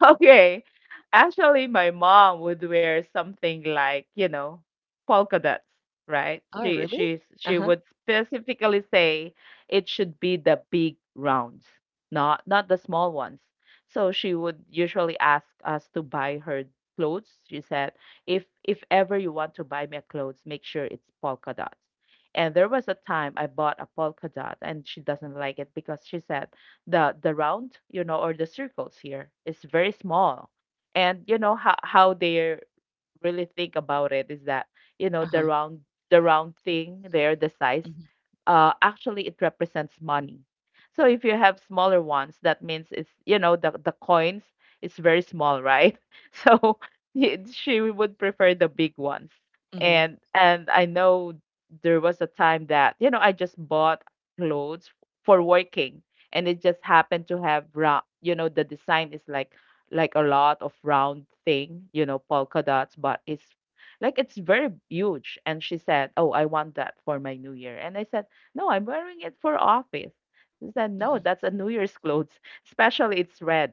Speaker 2: Okay. Actually, my mom would wear something like, you know, polka dots, right?
Speaker 1: Oh,
Speaker 2: She
Speaker 1: really?
Speaker 2: she's she
Speaker 1: Uh-huh.
Speaker 2: would specifically say it should be the big rounds, not the small ones. So she would usually ask us to buy her clothes. She said, if ever you want to buy me a clothes, make sure it's polka dots. And there was a time I bought a polka dot and she doesn't like it because she said the round, you know, or the circles here is very small, and you know how they really think about it is that you know the
Speaker 1: Uh-huh.
Speaker 2: round, the round thing there, the size,
Speaker 1: Mm-hmm.
Speaker 2: actually it represents money. So if you have smaller ones, that means it's, you know, the coins is very small, right? So she would prefer the big ones.
Speaker 1: Mm-hmm.
Speaker 2: And I know there was a time that, you know, I just bought clothes for working, and it just happened to have you know, the design is like a lot of round thing, you know, polka dots, but it's very huge. And she said, oh, I want that for my New Year. And I said, no, I'm wearing it for office. She said, no, that's a New Year's clothes, especially it's red,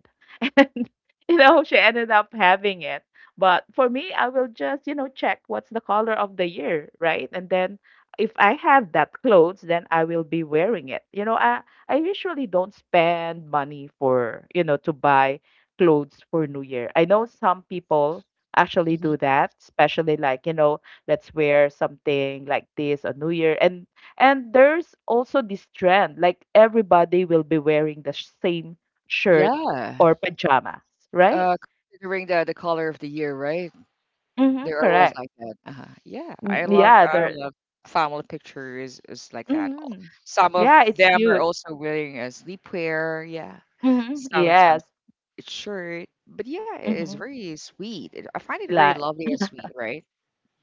Speaker 2: and you know she ended up having it. But for me, I will just, you know, check what's the color of the year, right? And then if I have that clothes, then I will be wearing it. You know, I usually don't spend money for, you know, to buy clothes for new year. I know some people actually do that, especially like, you know, let's wear something like this on new year. And there's also this trend like everybody will be wearing the same shirt
Speaker 1: Yeah.
Speaker 2: or pajamas, right?
Speaker 1: Uh, Considering the color of the year, right?
Speaker 2: Mhm,
Speaker 1: They're always
Speaker 2: correct.
Speaker 1: like that. Uh-huh. Yeah,
Speaker 2: Mm, yeah,
Speaker 1: I
Speaker 2: they're
Speaker 1: love family pictures is like that.
Speaker 2: mhm.
Speaker 1: Some of
Speaker 2: Yeah, it's
Speaker 1: them are
Speaker 2: cute.
Speaker 1: also wearing a sleepwear. Yeah,
Speaker 2: Mhm, yes.
Speaker 1: sometimes it's shirt, but yeah, it is
Speaker 2: Mhm.
Speaker 1: very sweet. I find it very
Speaker 2: Like
Speaker 1: lovely and sweet, right?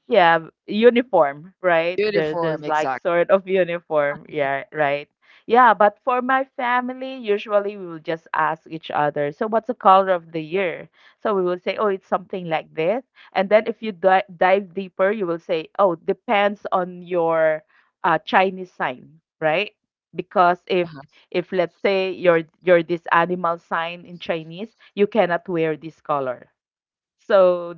Speaker 2: Yeah, uniform, right? There's
Speaker 1: Uniform,
Speaker 2: like
Speaker 1: exactly.
Speaker 2: sort of uniform. Yeah, right. Yeah, but for my family, usually we will just ask each other, so what's the color of the year? So we will say, oh, it's something like this. And then if you di dive deeper, you will say, oh, depends on your Chinese sign, right? Because if
Speaker 1: Uh-huh.
Speaker 2: if let's say you're this animal sign in Chinese, you cannot wear this color. So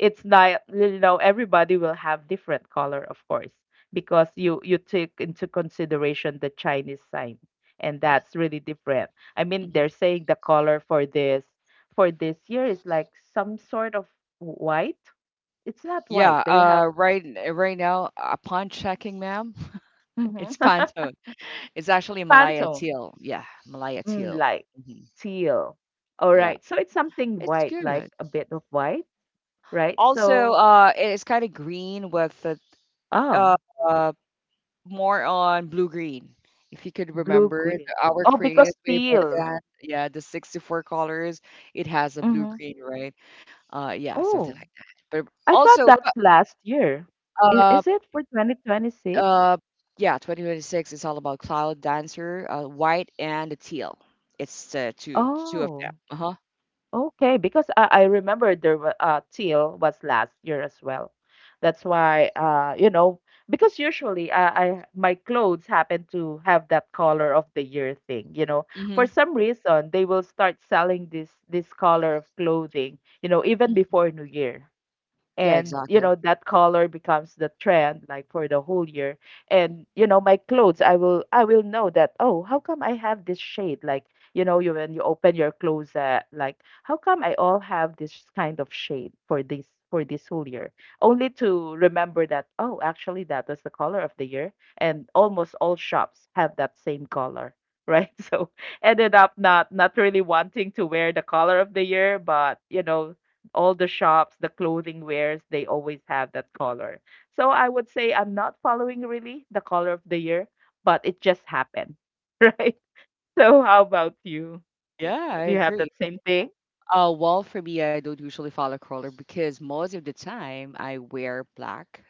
Speaker 2: it's not, you know, everybody will have different color, of course, because you take into consideration the Chinese sign, and that's really different. I mean,
Speaker 1: Mhm.
Speaker 2: they're saying the color for this year is like some sort of white. It's not
Speaker 1: Yeah,
Speaker 2: white. They have
Speaker 1: right, right now, upon checking, ma'am,
Speaker 2: hmm.
Speaker 1: it's Pantone. It's actually Malaya
Speaker 2: Pantone,
Speaker 1: teal. Yeah, Malaya
Speaker 2: mm,
Speaker 1: teal.
Speaker 2: like
Speaker 1: Hmm.
Speaker 2: teal. All
Speaker 1: Yeah,
Speaker 2: right. So it's something
Speaker 1: it's
Speaker 2: white, like
Speaker 1: good.
Speaker 2: a bit of white, right?
Speaker 1: Also,
Speaker 2: So,
Speaker 1: it's kind of green with the uh,
Speaker 2: oh,
Speaker 1: uh, more on blue green. If you could
Speaker 2: blue
Speaker 1: remember it,
Speaker 2: green.
Speaker 1: our
Speaker 2: Oh,
Speaker 1: crayons
Speaker 2: because
Speaker 1: way back
Speaker 2: teal.
Speaker 1: then, yeah, the 64 colors, it has a blue green, right? Yeah, something
Speaker 2: Oh,
Speaker 1: like that. But
Speaker 2: I thought
Speaker 1: also,
Speaker 2: that's
Speaker 1: but
Speaker 2: last year. Is,
Speaker 1: uh,
Speaker 2: is it for 2026?
Speaker 1: uh, yeah, 2026 is all about Cloud Dancer, white and the teal. It's two of
Speaker 2: Oh,
Speaker 1: them. Uh huh.
Speaker 2: okay. Because I remember there was teal was last year as well. That's why you know, because usually, I my clothes happen to have that color of the year thing. You know, for
Speaker 1: Hmm.
Speaker 2: some reason they will start selling this color of clothing. You know, even before New Year.
Speaker 1: Yeah,
Speaker 2: And you
Speaker 1: exactly.
Speaker 2: know that color becomes the trend like for the whole year. And you know my clothes, I will know that oh, how come I have this shade like, you know, you when you open your closet, like how come I all have this kind of shade for this whole year, only to remember that oh, actually that was the color of the year, and almost all shops have that same color, right? So ended up not really wanting to wear the color of the year, but you know all the shops, the clothing wares, they always have that color. So I would say I'm not following really the color of the year, but it just happened, right? So how about you?
Speaker 1: Yeah, I
Speaker 2: Do you have
Speaker 1: agree.
Speaker 2: that same thing?
Speaker 1: Well, for me, I don't usually follow color because most of the time I wear black,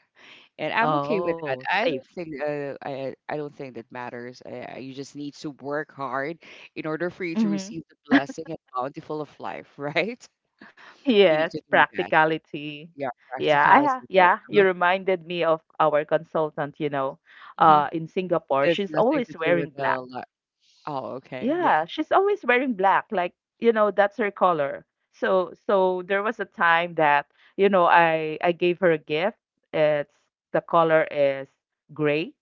Speaker 1: and I'm okay with
Speaker 2: Oh,
Speaker 1: that. I
Speaker 2: safe.
Speaker 1: don't think I don't think that matters. You just need to work hard in order for you to
Speaker 2: Hmm.
Speaker 1: receive the blessing and bountiful of life, right? You need to
Speaker 2: Yes,
Speaker 1: do that.
Speaker 2: practicality.
Speaker 1: Yeah,
Speaker 2: Yeah,
Speaker 1: practicality. Right?
Speaker 2: you
Speaker 1: Uh-huh.
Speaker 2: reminded me of our consultant, you know,
Speaker 1: Mhm.
Speaker 2: in
Speaker 1: It
Speaker 2: Singapore.
Speaker 1: has
Speaker 2: She's
Speaker 1: nothing
Speaker 2: always
Speaker 1: to do
Speaker 2: wearing
Speaker 1: with
Speaker 2: black.
Speaker 1: li Oh, okay. Yeah.
Speaker 2: Yeah, she's always wearing black, like, you know, that's her color. So there was a time that, you know, I gave her a gift. It's The color is gray.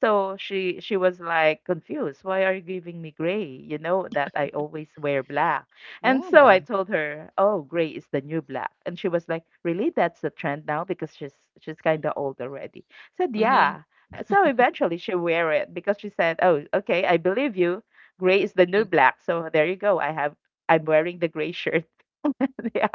Speaker 2: So she was like confused. Why are you giving me gray? You know that I always wear black. And so
Speaker 1: Yeah.
Speaker 2: I told her, "Oh, gray is the new black." And she was like, "Really? That's the trend now?" Because she's kind of old already. Said,
Speaker 1: Mm-hmm.
Speaker 2: "Yeah." So eventually she wear it because she said, "Oh, okay, I believe you." Gray is the new
Speaker 1: Mm-hmm.
Speaker 2: black. So there you go. I'm wearing the gray shirt. Yeah.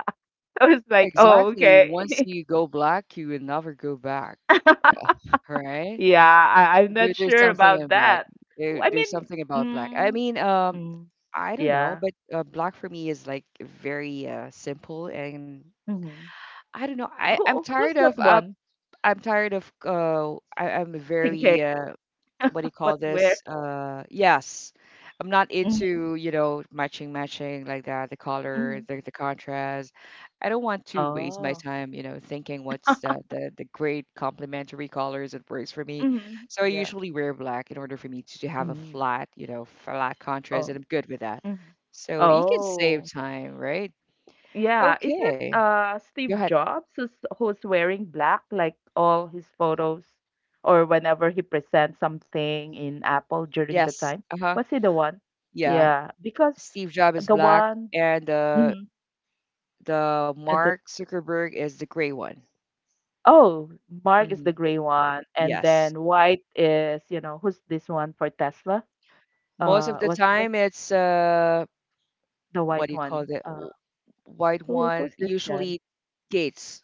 Speaker 2: I was like, oh,
Speaker 1: Exactly. Once
Speaker 2: okay.
Speaker 1: you go black, you will never go back, right?
Speaker 2: Yeah, I'm
Speaker 1: There,
Speaker 2: not
Speaker 1: there's
Speaker 2: sure
Speaker 1: something in
Speaker 2: about
Speaker 1: black.
Speaker 2: that.
Speaker 1: There,
Speaker 2: I mean,
Speaker 1: there's something about black. I
Speaker 2: mm,
Speaker 1: mean,
Speaker 2: mm,
Speaker 1: I don't know,
Speaker 2: yeah.
Speaker 1: but black for me is like very simple, and
Speaker 2: hmm
Speaker 1: I don't know.
Speaker 2: who's that one
Speaker 1: I'm tired of I, I'm
Speaker 2: thinking
Speaker 1: very what do you call
Speaker 2: what to wear?
Speaker 1: this? Yes, I'm not
Speaker 2: Hmm.
Speaker 1: into, matching, matching like that, the color,
Speaker 2: Hmm.
Speaker 1: the contrast. I don't want to waste my
Speaker 2: Oh.
Speaker 1: time, thinking what's the great complementary colors that works for me.
Speaker 2: Hmm.
Speaker 1: So I
Speaker 2: Yeah.
Speaker 1: usually wear black in order for me to have a
Speaker 2: Hmm.
Speaker 1: flat, flat contrast, and
Speaker 2: Oh.
Speaker 1: I'm good with that.
Speaker 2: Hmm.
Speaker 1: So you can save
Speaker 2: Oh.
Speaker 1: time, right?
Speaker 2: Yeah, is it
Speaker 1: Okay, go
Speaker 2: Steve
Speaker 1: ahead.
Speaker 2: Jobs who's wearing black, like all his photos or whenever he presents something in Apple during the
Speaker 1: Yes.
Speaker 2: time?
Speaker 1: Uh-huh.
Speaker 2: Was he the one?
Speaker 1: Yeah.
Speaker 2: Yeah, because
Speaker 1: Steve Jobs is
Speaker 2: the
Speaker 1: black,
Speaker 2: one
Speaker 1: and
Speaker 2: hmm
Speaker 1: the
Speaker 2: and
Speaker 1: Mark Zuckerberg is the gray one.
Speaker 2: oh, Mark is
Speaker 1: Hmm.
Speaker 2: the gray one, and
Speaker 1: Yes.
Speaker 2: then white is, you know, who's this one for Tesla?
Speaker 1: Most of
Speaker 2: Uh
Speaker 1: the
Speaker 2: was was
Speaker 1: time, it's
Speaker 2: the
Speaker 1: what
Speaker 2: white
Speaker 1: do you call
Speaker 2: one.
Speaker 1: it?
Speaker 2: Uh
Speaker 1: White
Speaker 2: who
Speaker 1: one.
Speaker 2: who's this
Speaker 1: Usually,
Speaker 2: then?
Speaker 1: Gates.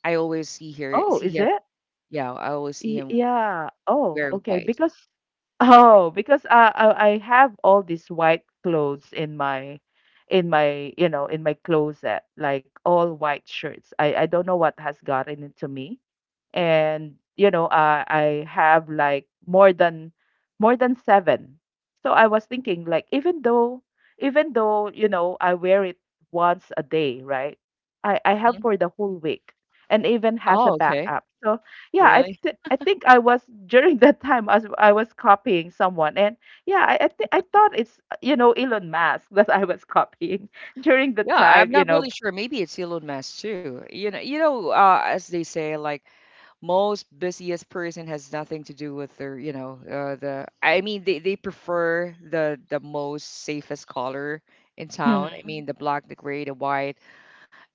Speaker 1: I always
Speaker 2: Oh,
Speaker 1: see
Speaker 2: is
Speaker 1: him.
Speaker 2: it?
Speaker 1: Yeah, I always see him
Speaker 2: Yeah. Oh,
Speaker 1: wearing
Speaker 2: okay.
Speaker 1: white.
Speaker 2: Because Oh, because I have all these white clothes in my in my closet, like all white shirts. I don't know what has gotten into me. And you know, I have like more than seven. So I was thinking like even though, I wear it once a day, right? I
Speaker 1: Mhm.
Speaker 2: have for the whole week and even has a
Speaker 1: Oh, okay.
Speaker 2: backup. So yeah, I
Speaker 1: Really?
Speaker 2: th- I think I was during that time as I was copying someone, and yeah, I thought it's you know Elon Musk that I was copying during the
Speaker 1: Yeah, I'm
Speaker 2: time, you
Speaker 1: not
Speaker 2: know.
Speaker 1: really sure. Maybe it's Elon Musk too. As they say, like most busiest person has nothing to do with their you know the I mean they prefer the most safest color in town. I mean
Speaker 2: Hmm.
Speaker 1: the black, the gray, the white,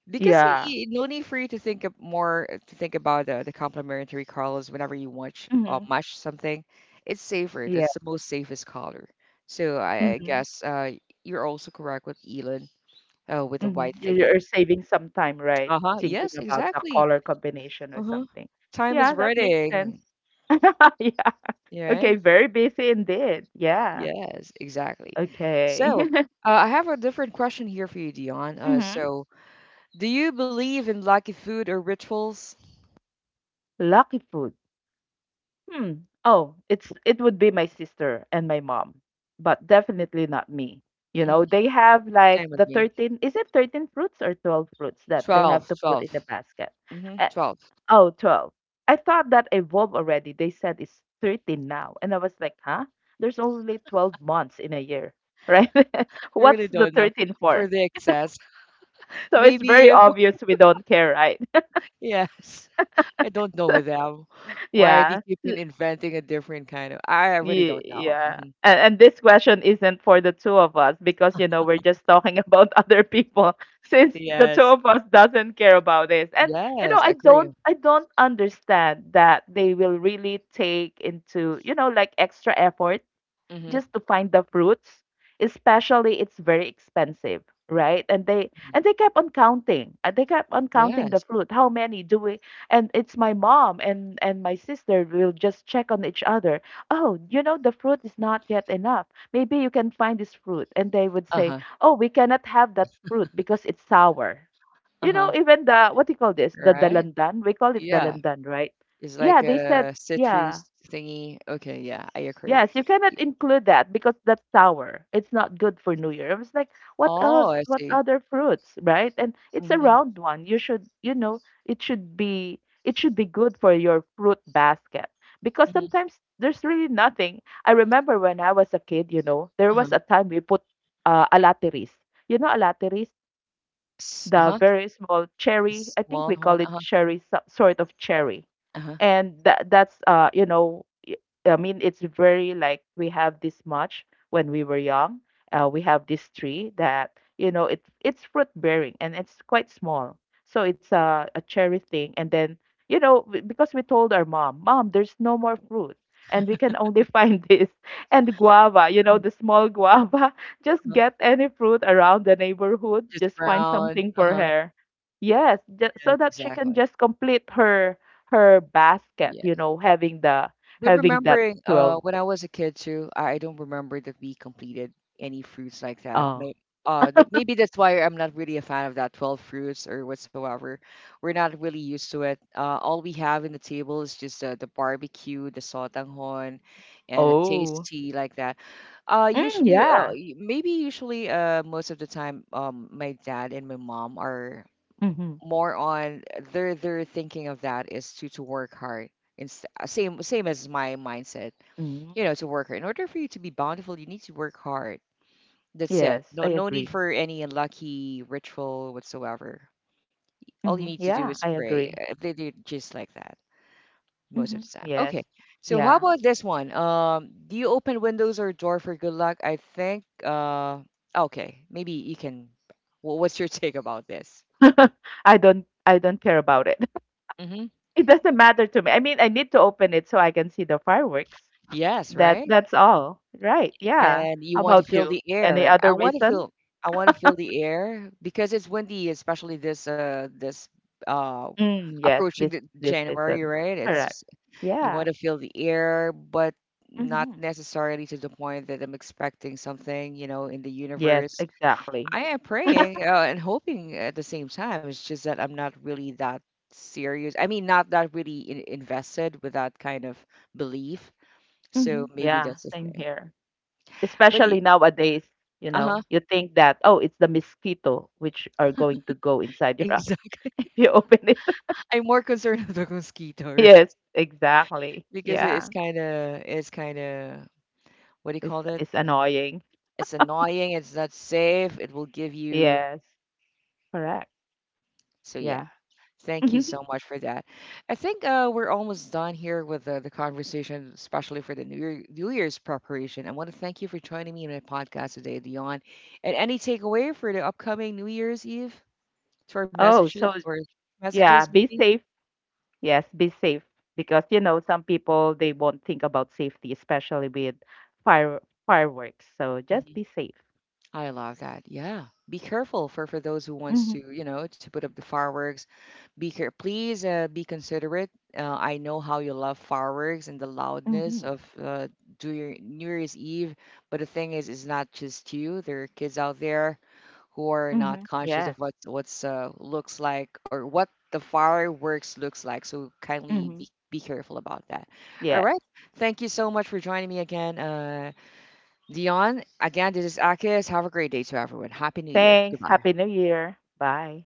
Speaker 1: because
Speaker 2: Yeah.
Speaker 1: no need for you to think about the complementary colors whenever you watch
Speaker 2: Hmm.
Speaker 1: match something. It's safer,
Speaker 2: Yeah.
Speaker 1: that's the most safest color. So I
Speaker 2: Hmm.
Speaker 1: guess you're also correct with Elon, with the
Speaker 2: Hmm.
Speaker 1: white
Speaker 2: You're,
Speaker 1: thingy.
Speaker 2: you're saving some time, right?
Speaker 1: Uh-huh, yes,
Speaker 2: Thinking about the
Speaker 1: exactly.
Speaker 2: color combination or
Speaker 1: Uh-huh.
Speaker 2: something.
Speaker 1: Time is
Speaker 2: Yeah, that makes sense.
Speaker 1: running.
Speaker 2: Yeah. Okay.
Speaker 1: Yeah.
Speaker 2: Very busy indeed. Yeah.
Speaker 1: Yes, exactly.
Speaker 2: Okay.
Speaker 1: So, I have a different question here for you, Dion.
Speaker 2: hmm
Speaker 1: So, do you believe in lucky food or rituals?
Speaker 2: Lucky food. Hmm. Oh, it would be my sister and my mom, but definitely not me. You
Speaker 1: Hmm.
Speaker 2: know, they have like
Speaker 1: Same
Speaker 2: the
Speaker 1: with me.
Speaker 2: 13, is it 13 fruits or 12 fruits that they
Speaker 1: 12,
Speaker 2: have to put
Speaker 1: twelve.
Speaker 2: in the basket?
Speaker 1: Hmm.
Speaker 2: Uh,
Speaker 1: 12.
Speaker 2: oh, 12. I thought that evolved already. They said it's 13 now. And I was like, huh? There's only 12 months in a year, right?
Speaker 1: I
Speaker 2: What's
Speaker 1: really
Speaker 2: the
Speaker 1: don't know
Speaker 2: 13 for?
Speaker 1: for the excess.
Speaker 2: So it's
Speaker 1: Maybe
Speaker 2: very
Speaker 1: if,
Speaker 2: obvious we don't care, right?
Speaker 1: yes, I don't know with them. Why are they
Speaker 2: Yeah.
Speaker 1: keeping inventing a different kind of, I really
Speaker 2: Ye
Speaker 1: don't know.
Speaker 2: yeah.
Speaker 1: Hmm.
Speaker 2: And this question isn't for the two of us, because you know we're just talking about other people since the two
Speaker 1: Yes,
Speaker 2: of us doesn't care about this. And you
Speaker 1: yes,
Speaker 2: know
Speaker 1: I
Speaker 2: I
Speaker 1: agree.
Speaker 2: don't I don't understand that they will really take into like extra effort
Speaker 1: Hmm.
Speaker 2: just to find the fruits, especially it's very expensive, right, and they kept on counting
Speaker 1: Yes.
Speaker 2: the fruit, how many do we. And it's my mom and my sister will just check on each other. Oh, you know, the fruit is not yet enough, maybe you can find this fruit. And they would say,
Speaker 1: Uh-huh.
Speaker 2: oh, we cannot have that fruit because it's sour. You
Speaker 1: Uh-huh.
Speaker 2: know, even the, what do you call this, the
Speaker 1: Right?
Speaker 2: dalandan, we call it
Speaker 1: Yeah,
Speaker 2: dalandan, right?
Speaker 1: it's
Speaker 2: Yeah,
Speaker 1: like
Speaker 2: they said,
Speaker 1: a
Speaker 2: yeah.
Speaker 1: citrus thingy. Okay, yeah, I agree.
Speaker 2: Yes, you cannot include that because that's sour. It's not good for New Year. I was like, what
Speaker 1: Oh,
Speaker 2: else?
Speaker 1: I
Speaker 2: What
Speaker 1: see.
Speaker 2: other fruits, right? And it's a
Speaker 1: Hmm.
Speaker 2: round one. You should, you know, it should be good for your fruit basket, because
Speaker 1: Hmm.
Speaker 2: sometimes there's really nothing. I remember when I was a kid, you know, there was
Speaker 1: Uh-huh.
Speaker 2: a time we put alateris. You know alateris? The
Speaker 1: Uh-huh.
Speaker 2: very small
Speaker 1: The
Speaker 2: cherry. I
Speaker 1: small
Speaker 2: think we
Speaker 1: one.
Speaker 2: call
Speaker 1: Uh-huh.
Speaker 2: it cherry, sort of cherry,
Speaker 1: Uh-huh.
Speaker 2: and that's, you know, I mean, it's very, like, we have this much when we were young. We have this tree that, you know, it's fruit bearing and it's quite small, so it's a cherry thing. And then, you know, because we told our mom, mom, there's no more fruit. And we can only find this, and guava, you know, the small guava. Just
Speaker 1: Uh-huh.
Speaker 2: get any fruit around the neighborhood,
Speaker 1: Just
Speaker 2: just find
Speaker 1: round.
Speaker 2: something for
Speaker 1: Uh-huh.
Speaker 2: her. Yes,
Speaker 1: Yes,
Speaker 2: so that she
Speaker 1: exactly.
Speaker 2: can just complete her basket,
Speaker 1: Yeah.
Speaker 2: you know,
Speaker 1: But
Speaker 2: having that
Speaker 1: remembering
Speaker 2: 12.
Speaker 1: when I was a kid too, I don't remember that we completed any fruits like that.
Speaker 2: uh
Speaker 1: Maybe that's why I'm not really a fan of that 12 fruits or whatsoever. We're not really used to it. All we have in the table is just the barbecue, the sotanghon, and a
Speaker 2: oh.
Speaker 1: tasty like that.
Speaker 2: Mm,
Speaker 1: Usually,
Speaker 2: yeah.
Speaker 1: most of the time, my dad and my mom are
Speaker 2: Mhm.
Speaker 1: more on their thinking of that is to work hard. Same as my mindset,
Speaker 2: Mm,
Speaker 1: to work hard. In order for you to be bountiful, you need to work hard. That's it.
Speaker 2: yes,
Speaker 1: No,
Speaker 2: I
Speaker 1: no need
Speaker 2: agree.
Speaker 1: for any unlucky ritual whatsoever.
Speaker 2: Mhm.
Speaker 1: All you need to
Speaker 2: Yeah,
Speaker 1: do
Speaker 2: I
Speaker 1: is
Speaker 2: agree.
Speaker 1: pray. They do just like that most
Speaker 2: Mhm.
Speaker 1: of the time.
Speaker 2: Yes.
Speaker 1: Okay, so how
Speaker 2: Yeah.
Speaker 1: about this one? Do you open windows or door for good luck? I think. Okay, maybe you can. What's your take about this?
Speaker 2: I don't care about it.
Speaker 1: Mm-hmm.
Speaker 2: It doesn't matter to me. I mean, I need to open it so I can see the fireworks.
Speaker 1: Yes,
Speaker 2: That
Speaker 1: right.
Speaker 2: that's all. Right. Yeah.
Speaker 1: And you
Speaker 2: How
Speaker 1: want to
Speaker 2: about
Speaker 1: feel
Speaker 2: you?
Speaker 1: the
Speaker 2: Any
Speaker 1: air.
Speaker 2: other reason?
Speaker 1: I want to feel the air because it's windy, especially this uh
Speaker 2: Mm, yes,
Speaker 1: approaching
Speaker 2: this
Speaker 1: the
Speaker 2: this
Speaker 1: January,
Speaker 2: reason.
Speaker 1: right? It's
Speaker 2: Correct.
Speaker 1: just, you
Speaker 2: Yeah.
Speaker 1: want to feel the air, but not
Speaker 2: Hmm.
Speaker 1: necessarily to the point that I'm expecting something, in the
Speaker 2: Yes,
Speaker 1: universe.
Speaker 2: exactly.
Speaker 1: I am praying and hoping at the same time. It's just that I'm not really that serious. I mean, not that really invested with that kind of belief.
Speaker 2: Mm-hmm.
Speaker 1: So maybe
Speaker 2: Yeah,
Speaker 1: that's the
Speaker 2: same
Speaker 1: thing.
Speaker 2: here.
Speaker 1: But y-
Speaker 2: Especially nowadays,
Speaker 1: uh-huh.
Speaker 2: you think that, oh, it's the mosquito which are going to go inside your house if you open it.
Speaker 1: I'm more concerned of the mosquito, right?
Speaker 2: Yes, exactly.
Speaker 1: Because
Speaker 2: Yeah.
Speaker 1: it's kinda what do you
Speaker 2: It's
Speaker 1: call it?
Speaker 2: it's annoying.
Speaker 1: It's annoying, it's not safe, it will give you,
Speaker 2: Yes. Correct.
Speaker 1: so yeah.
Speaker 2: Yeah.
Speaker 1: Thank you so much for that. I think we're almost done here with the conversation, especially for the New Year's preparation. I want to thank you for joining me in my podcast today, Dion. And any takeaway for the upcoming New Year's Eve to our
Speaker 2: Oh, so yeah,
Speaker 1: messages,
Speaker 2: be
Speaker 1: maybe?
Speaker 2: safe. Yes, be safe, because you know some people they won't think about safety, especially with fire fireworks. So just be safe.
Speaker 1: I love that. Yeah. Be careful for those who wants
Speaker 2: Mm-hmm.
Speaker 1: to put up the fireworks. Be care Please, be considerate. I know how you love fireworks and the loudness
Speaker 2: Mm-hmm.
Speaker 1: of do your New Year's Eve, but the thing is it's not just you. There are kids out there who are not
Speaker 2: Mm-hmm.
Speaker 1: conscious
Speaker 2: Yes.
Speaker 1: of what's looks like or what the fireworks looks like. So kindly
Speaker 2: Mm-hmm.
Speaker 1: be careful about that. All
Speaker 2: Yes.
Speaker 1: right. Thank you so much for joining me again. Dion, again, this is Akis. Have a great day to everyone. Happy New Year.
Speaker 2: Thanks.
Speaker 1: Goodbye.
Speaker 2: Happy New Year. Bye.